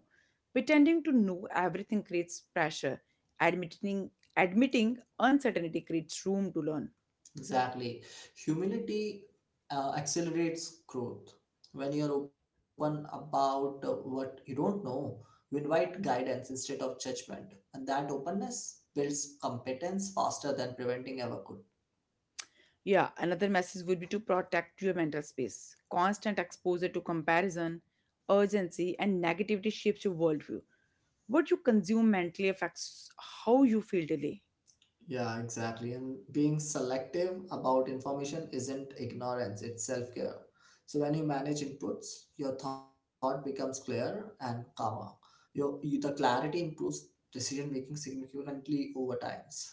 Speaker 1: Pretending to know everything creates pressure. Admitting, admitting uncertainty creates room to learn.
Speaker 2: Exactly. Humility uh, accelerates growth. When you're open about uh, what you don't know, you invite guidance instead of judgment. And that openness builds competence faster than preventing ever could.
Speaker 1: Yeah, another message would be to protect your mental space. Constant exposure to comparison, urgency, and negativity shapes your worldview. What you consume mentally affects how you feel daily.
Speaker 2: Yeah, exactly. And being selective about information isn't ignorance, it's self care. So when you manage inputs, your thought becomes clearer and calmer. Your, you, the clarity improves decision making significantly over times.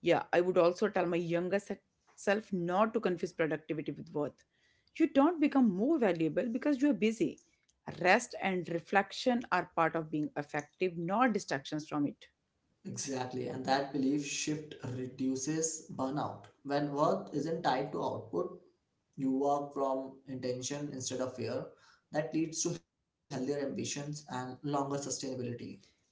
Speaker 1: Yeah, I would also tell my younger se- self not to confuse productivity with worth. You don't become more valuable because you are busy. Rest and reflection are part of being effective, not distractions from it.
Speaker 2: Exactly, and that belief shift reduces burnout. When work isn't tied to output, you work from intention instead of fear. That leads to healthier ambitions and longer sustainability.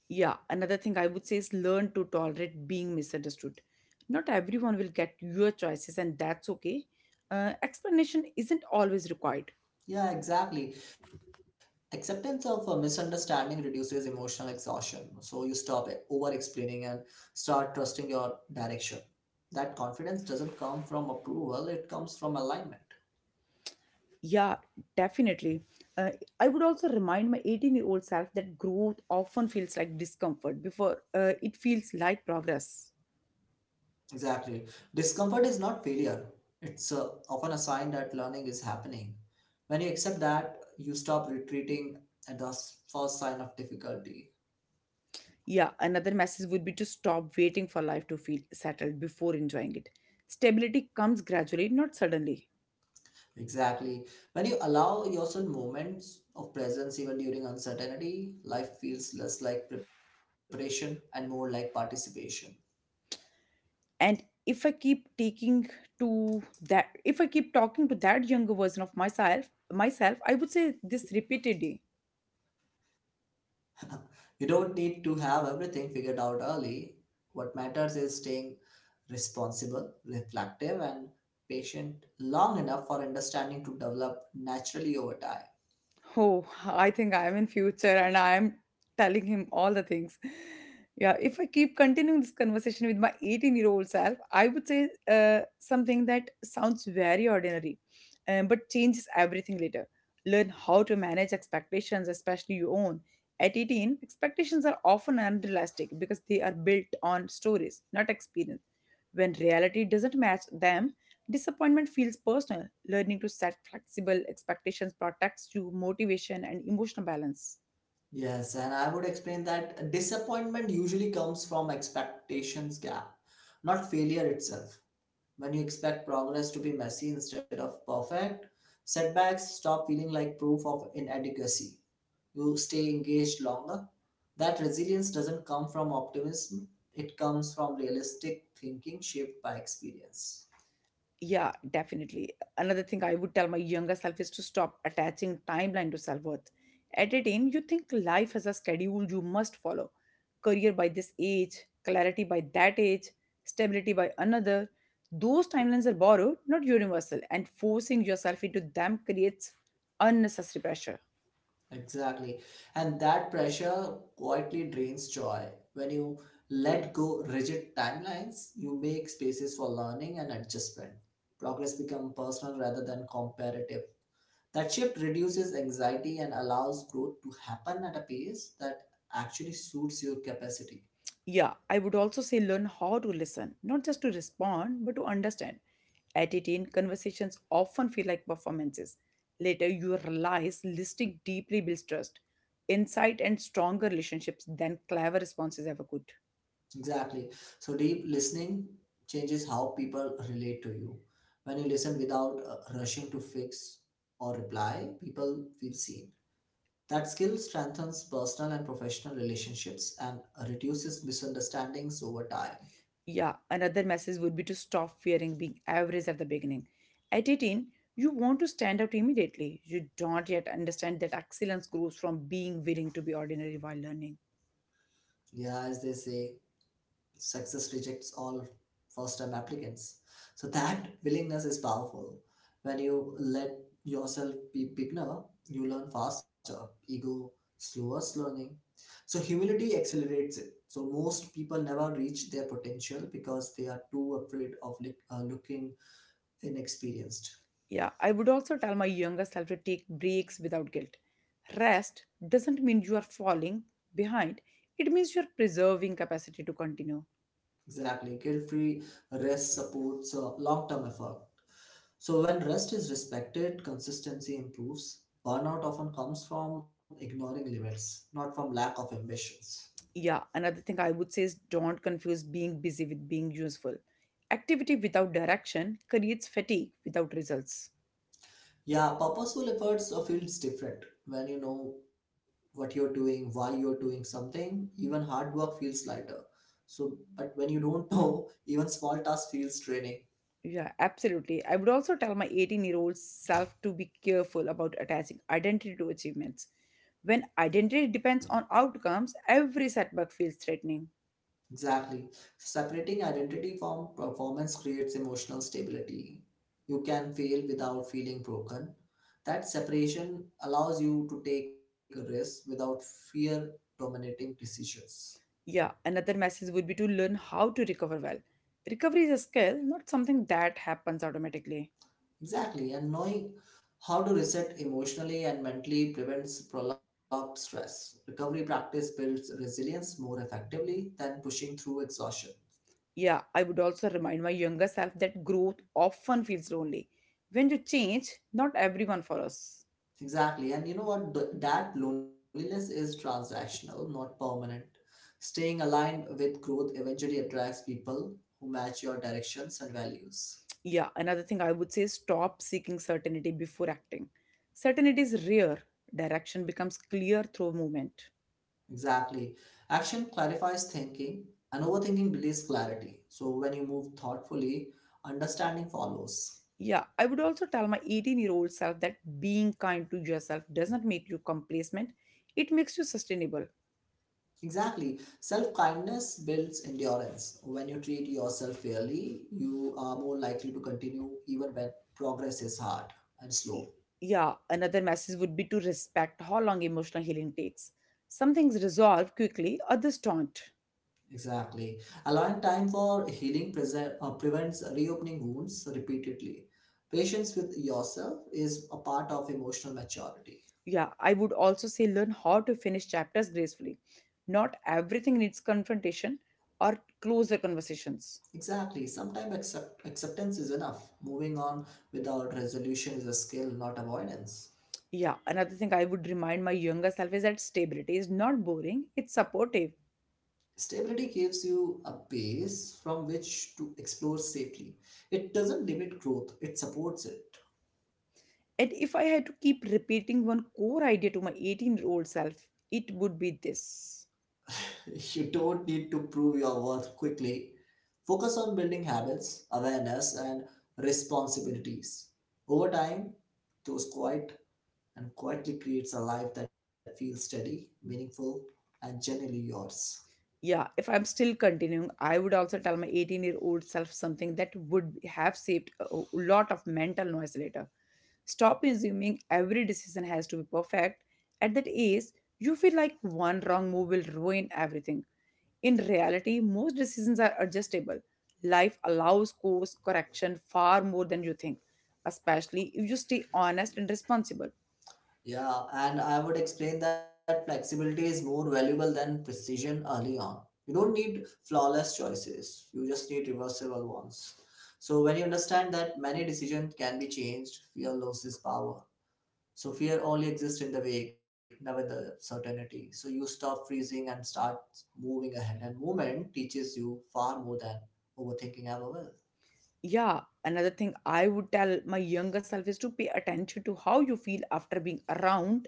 Speaker 1: Yeah, another thing I would say is learn to tolerate being misunderstood. Not everyone will get your choices, and that's okay. Uh, explanation isn't always required.
Speaker 2: Yeah, exactly. Acceptance of a misunderstanding reduces emotional exhaustion. So you stop over explaining and start trusting your direction. That confidence doesn't come from approval, it comes from alignment.
Speaker 1: Yeah, definitely. Uh, I would also remind my eighteen year old self that growth often feels like discomfort before uh, it feels like progress.
Speaker 2: Exactly. Discomfort is not failure. It's uh, often a sign that learning is happening. When you accept that, you stop retreating at the s- first sign of difficulty.
Speaker 1: Yeah, another message would be to stop waiting for life to feel settled before enjoying it. Stability comes gradually, not suddenly.
Speaker 2: Exactly. When you allow yourself moments of presence even during uncertainty, life feels less like preparation and more like participation.
Speaker 1: And if I keep taking to that if I keep talking to that younger version of myself myself I would say this repeatedly.
Speaker 2: You don't need to have everything figured out early. What matters is staying responsible, reflective, and patient long enough for understanding to develop naturally over time.
Speaker 1: Oh, I think I am in future and I am telling him all the things. Yeah, if I keep continuing this conversation with my eighteen-year-old self, I would say uh, something that sounds very ordinary, um, but changes everything later. Learn how to manage expectations, especially your own. At eighteen, expectations are often unrealistic because they are built on stories, not experience. When reality doesn't match them, disappointment feels personal. Learning to set flexible expectations protects you motivation and emotional balance.
Speaker 2: Yes, and I would explain that disappointment usually comes from expectations gap, not failure itself. When you expect progress to be messy instead of perfect, setbacks stop feeling like proof of inadequacy. You stay engaged longer. That resilience doesn't come from optimism, it comes from realistic thinking shaped by experience.
Speaker 1: Yeah, definitely. Another thing I would tell my younger self is to stop attaching timeline to self worth. At eighteen, you think life has a schedule you must follow: career by this age, clarity by that age, stability by another. Those timelines are borrowed, not universal, and forcing yourself into them creates unnecessary pressure.
Speaker 2: Exactly. And that pressure quietly drains joy. When you let go rigid timelines, you make spaces for learning and adjustment. Progress becomes personal rather than comparative. That shift reduces anxiety and allows growth to happen at a pace that actually suits your capacity.
Speaker 1: Yeah, I would also say learn how to listen, not just to respond, but to understand. At eighteen, conversations often feel like performances. Later, you realize listening deeply builds trust, insight, and stronger relationships than clever responses ever could.
Speaker 2: Exactly. So deep listening changes how people relate to you. When you listen without uh, rushing to fix or reply, people feel seen. That skill strengthens personal and professional relationships and reduces misunderstandings over time.
Speaker 1: Yeah, another message would be to stop fearing being average at the beginning. At eighteen, you want to stand out immediately. You don't yet understand that excellence grows from being willing to be ordinary while learning.
Speaker 2: Yeah, as they say, success rejects all first time applicants, so that willingness is powerful. When you let yourself be beginner, you learn faster. Ego slows learning, so humility accelerates it. So most people never reach their potential because they are too afraid of look, uh, looking inexperienced.
Speaker 1: Yeah, I would also tell my younger self to take breaks without guilt. Rest doesn't mean you are falling behind, it means you're preserving capacity to continue.
Speaker 2: Exactly. Guilt free rest supports uh, long term effort. So, when rest is respected, consistency improves. Burnout often comes from ignoring limits, not from lack of ambitions.
Speaker 1: Yeah, another thing I would say is don't confuse being busy with being useful. Activity without direction creates fatigue without results.
Speaker 2: Yeah, purposeful efforts uh, feels different. When you know what you're doing, why you're doing something, even hard work feels lighter. So, but when you don't know, even small tasks feels draining.
Speaker 1: Yeah, absolutely. I would also tell my eighteen year old self to be careful about attaching identity to achievements. When identity depends on outcomes, every setback feels threatening.
Speaker 2: Exactly. Separating identity from performance creates emotional stability. You can fail without feeling broken. That separation allows you to take risks without fear dominating decisions.
Speaker 1: Yeah, another message would be to learn how to recover well. Recovery is a skill, not something that happens automatically.
Speaker 2: Exactly. And knowing how to reset emotionally and mentally prevents prolonged stress. Recovery practice builds resilience more effectively than pushing through exhaustion.
Speaker 1: Yeah, I would also remind my younger self that growth often feels lonely. When you change, not everyone follows.
Speaker 2: Exactly. And you know what? Th- That loneliness is transactional, not permanent. Staying aligned with growth eventually attracts people who match your directions and values.
Speaker 1: Yeah, another thing I would say is stop seeking certainty before acting. Certainty is rare, direction becomes clear through movement.
Speaker 2: Exactly. Action clarifies thinking, and overthinking delays clarity. So when you move thoughtfully, understanding follows.
Speaker 1: Yeah, I would also tell my eighteen year old self that being kind to yourself doesn't make you complacent, it makes you sustainable.
Speaker 2: Exactly. Self kindness builds endurance. When you treat yourself fairly, you are more likely to continue even when progress is hard and slow.
Speaker 1: Yeah, another message would be to respect how long emotional healing takes. Some things resolve quickly, others don't.
Speaker 2: Exactly. Allowing time for healing prese- uh, prevents reopening wounds repeatedly. Patience with yourself is a part of emotional maturity.
Speaker 1: Yeah, I would also say learn how to finish chapters gracefully. Not everything needs confrontation or closer conversations.
Speaker 2: Exactly. Sometimes accept- acceptance is enough. Moving on without resolution is a skill, not avoidance.
Speaker 1: Yeah, another thing I would remind my younger self is that stability is not boring, it's supportive.
Speaker 2: Stability gives you a base from which to explore safely. It doesn't limit growth, it supports it.
Speaker 1: And if I had to keep repeating one core idea to my eighteen year old self, it would be this.
Speaker 2: You don't need to prove your worth quickly. Focus on building habits, awareness, and responsibilities. Over time, those quiet and quietly creates a life that feels steady, meaningful, and genuinely yours.
Speaker 1: Yeah, if I'm still continuing, I would also tell my eighteen-year-old self something that would have saved a a lot of mental noise later. Stop assuming every decision has to be perfect. At that age, you feel like one wrong move will ruin everything. In reality, most decisions are adjustable. Life allows course correction far more than you think, especially if you stay honest and responsible.
Speaker 2: Yeah, and I would explain that flexibility is more valuable than precision early on. You don't need flawless choices, you just need reversible ones. So, when you understand that many decisions can be changed, fear loses power. So fear only exists in the wake, never the certainty. So you stop freezing and start moving ahead. And movement teaches you far more than overthinking ever will.
Speaker 1: Yeah, another thing I would tell my younger self is to pay attention to how you feel after being around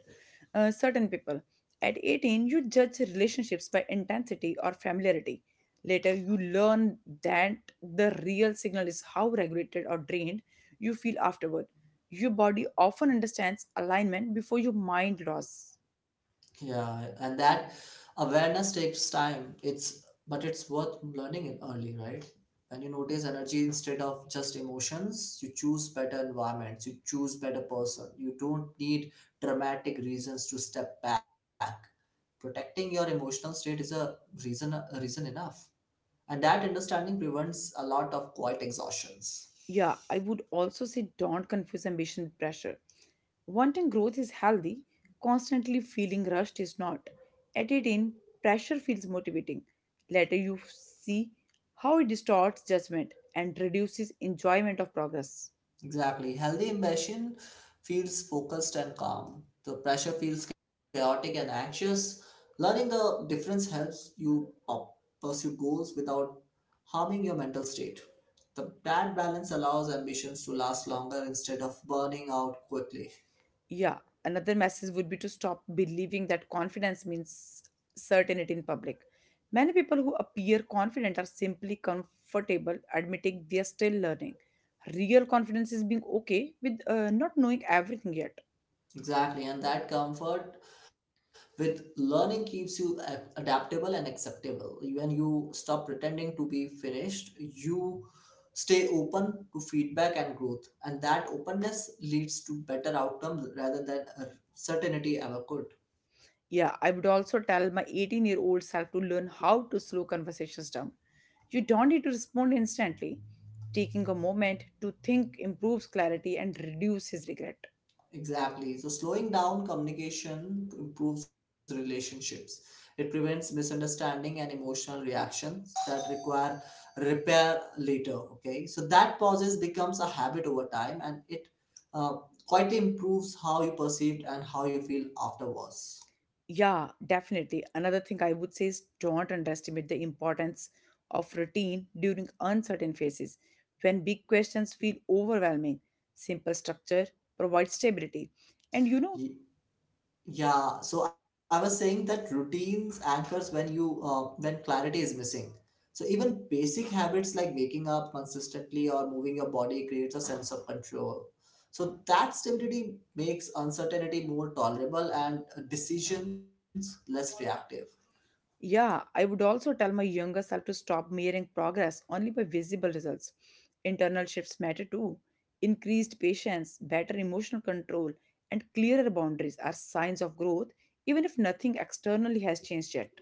Speaker 1: uh, certain people. At eighteen, you judge relationships by intensity or familiarity. Later, you learn that the real signal is how regulated or drained you feel afterward. Your body often understands alignment before your mind loss.
Speaker 2: Yeah, and that awareness takes time. It's But it's worth learning it early, right? When you notice energy instead of just emotions, you choose better environments, you choose better person. You don't need dramatic reasons to step back. Protecting your emotional state is a reason a reason enough. And that understanding prevents a lot of quiet exhaustions.
Speaker 1: Yeah, I would also say don't confuse ambition with pressure. Wanting growth is healthy, constantly feeling rushed is not. At eighteen, pressure feels motivating. Later, you see how it distorts judgment and reduces enjoyment of progress.
Speaker 2: Exactly. Healthy ambition feels focused and calm. The pressure feels chaotic and anxious. Learning the difference helps you pu- pursue goals without harming your mental state. The bad balance allows ambitions to last longer instead of burning out quickly.
Speaker 1: Yeah, another message would be to stop believing that confidence means certainty in public. Many people who appear confident are simply comfortable admitting they are still learning. Real confidence is being okay with uh, not knowing everything yet.
Speaker 2: Exactly, and that comfort with learning keeps you a- adaptable and acceptable. When you stop pretending to be finished, you stay open to feedback and growth, and that openness leads to better outcomes rather than uh, certainty ever could.
Speaker 1: Yeah, I would also tell my eighteen year old self to learn how to slow conversations down. You don't need to respond instantly. Taking a moment to think improves clarity and reduces regret.
Speaker 2: Exactly. So slowing down communication improves relationships. It prevents misunderstanding and emotional reactions that require repair later. Okay. So that pauses becomes a habit over time, and it uh, quietly improves how you perceived and how you feel afterwards.
Speaker 1: Yeah, definitely. Another thing I would say is don't underestimate the importance of routine during uncertain phases. When big questions feel overwhelming, simple structure provides stability. And you know,
Speaker 2: Yeah, so I was saying that routines anchors when you uh, when clarity is missing. So even basic habits like waking up consistently or moving your body creates a sense of control. So that stability makes uncertainty more tolerable and uh, decisions less reactive.
Speaker 1: yeah, I would also tell my younger self to stop measuring progress only by visible results. Internal shifts matter too. Increased patience, better emotional control, and clearer boundaries are signs of growth, even if nothing externally has changed yet.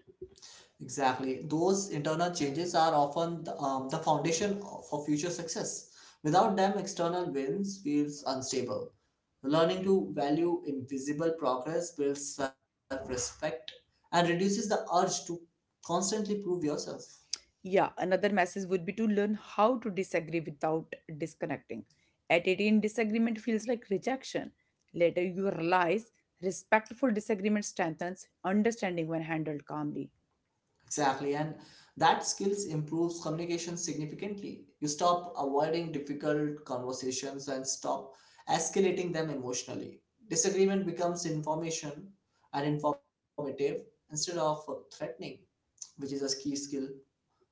Speaker 2: Exactly. Those internal changes are often the, um, the foundation for future success. Without them, external wins feels unstable. Learning to value invisible progress builds self-respect and reduces the urge to constantly prove yourself.
Speaker 1: Yeah, another message would be to learn how to disagree without disconnecting. At eighteen, disagreement feels like rejection. Later, you realize respectful disagreement strengthens understanding when handled calmly.
Speaker 2: Exactly, and that skills improves communication significantly. You stop avoiding difficult conversations and stop escalating them emotionally. Disagreement becomes information and informative instead of threatening, which is a key skill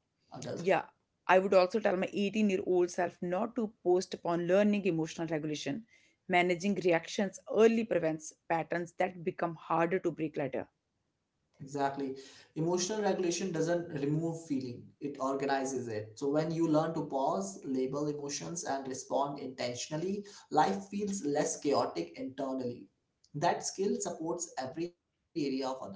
Speaker 2: adults.
Speaker 1: Yeah, I would also tell my eighteen year old self not to post upon learning emotional regulation. Managing reactions early prevents patterns that become harder to break later.
Speaker 2: Exactly. Emotional regulation doesn't remove feeling, it organizes it. So when you learn to pause, label emotions, and respond intentionally, life feels less chaotic internally. That skill supports every area of adulthood.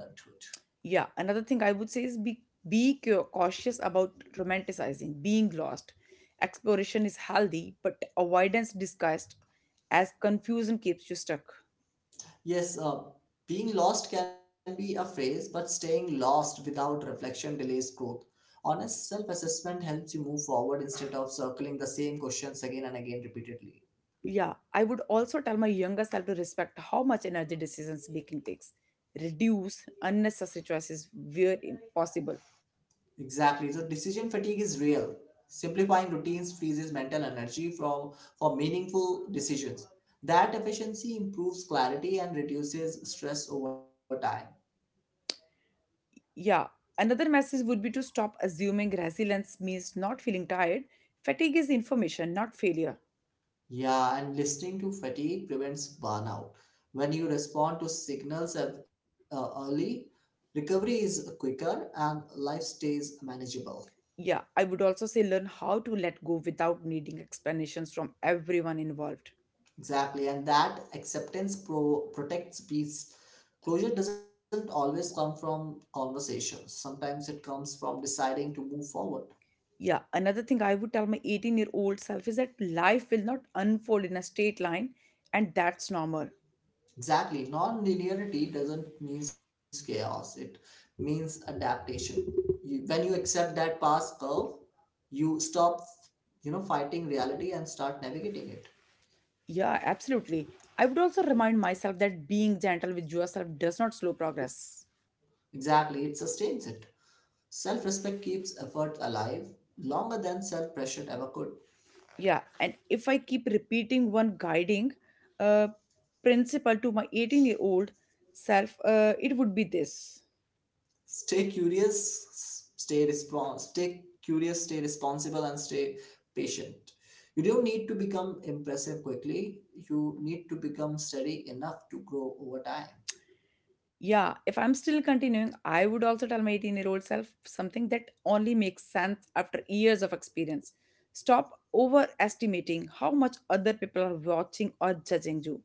Speaker 1: Yeah, another thing I would say is be, be cau- cautious about romanticizing, being lost. Exploration is healthy, but avoidance disguised as confusion keeps you stuck.
Speaker 2: Yes, uh, being lost can be a phase, but staying lost without reflection delays growth. Honest self assessment helps you move forward instead of circling the same questions again and again repeatedly.
Speaker 1: Yeah, I would also tell my younger self to respect how much energy decisions making takes. Reduce unnecessary choices where im- possible.
Speaker 2: Exactly. So decision fatigue is real. Simplifying routines freezes mental energy from for meaningful decisions. That efficiency improves clarity and reduces stress over time.
Speaker 1: Yeah, another message would be to stop assuming resilience means not feeling tired. Fatigue is information, not failure.
Speaker 2: Yeah, and listening to fatigue prevents burnout. When you respond to signals ev- uh, early, recovery is quicker and life stays manageable.
Speaker 1: Yeah, I would also say learn how to let go without needing explanations from everyone involved.
Speaker 2: Exactly, and that acceptance pro- protects peace. Closure doesn't always come from conversations, sometimes it comes from deciding to move forward.
Speaker 1: Yeah, another thing I would tell my eighteen year old self is that life will not unfold in a straight line, and that's normal.
Speaker 2: Exactly, non linearity doesn't mean chaos, it means adaptation. You, when you accept that past curve, you stop you know fighting reality and start navigating it.
Speaker 1: Yeah, absolutely. I would also remind myself that being gentle with yourself does not slow progress.
Speaker 2: Exactly, it sustains it. Self-respect keeps effort alive longer than self-pressure ever could.
Speaker 1: Yeah, and if I keep repeating one guiding uh, principle to my eighteen year old self, uh, it would be this.
Speaker 2: Stay curious, stay respons- stay curious, stay responsible, and stay patient. You don't need to become impressive quickly, you need to become steady enough to grow over time.
Speaker 1: Yeah, if I'm still continuing, I would also tell my eighteen year old self something that only makes sense after years of experience. Stop overestimating how much other people are watching or judging you.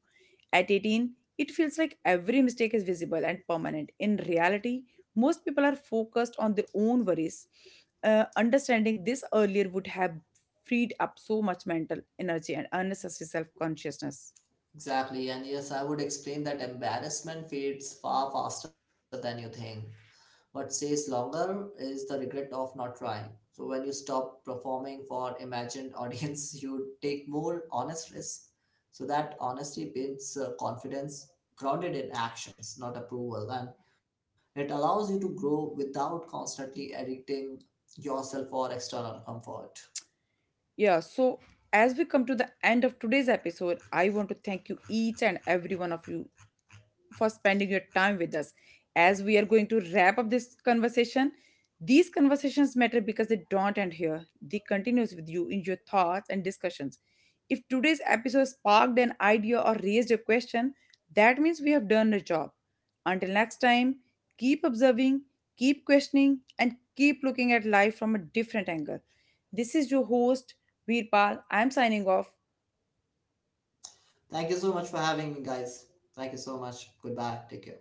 Speaker 1: At eighteen, it feels like every mistake is visible and permanent. In reality, most people are focused on their own worries. Uh, understanding this earlier would have freed up so much mental energy and unnecessary self consciousness.
Speaker 2: Exactly, and yes, I would explain that embarrassment fades far faster than you think. What stays longer is the regret of not trying. So, when you stop performing for imagined audience, you take more honest risks. So, that honesty builds uh, confidence grounded in actions, not approval, and it allows you to grow without constantly editing yourself for external comfort.
Speaker 1: Yeah, so as we come to the end of today's episode, I want to thank you each and every one of you for spending your time with us. As we are going to wrap up this conversation, these conversations matter because they don't end here. They continues with you in your thoughts and discussions. If today's episode sparked an idea or raised a question, that means we have done the job. Until next time, keep observing, keep questioning, and keep looking at life from a different angle. This is your host, Veerpal. I am signing off.
Speaker 2: Thank you so much for having me, guys. Thank you so much. Goodbye. Take care.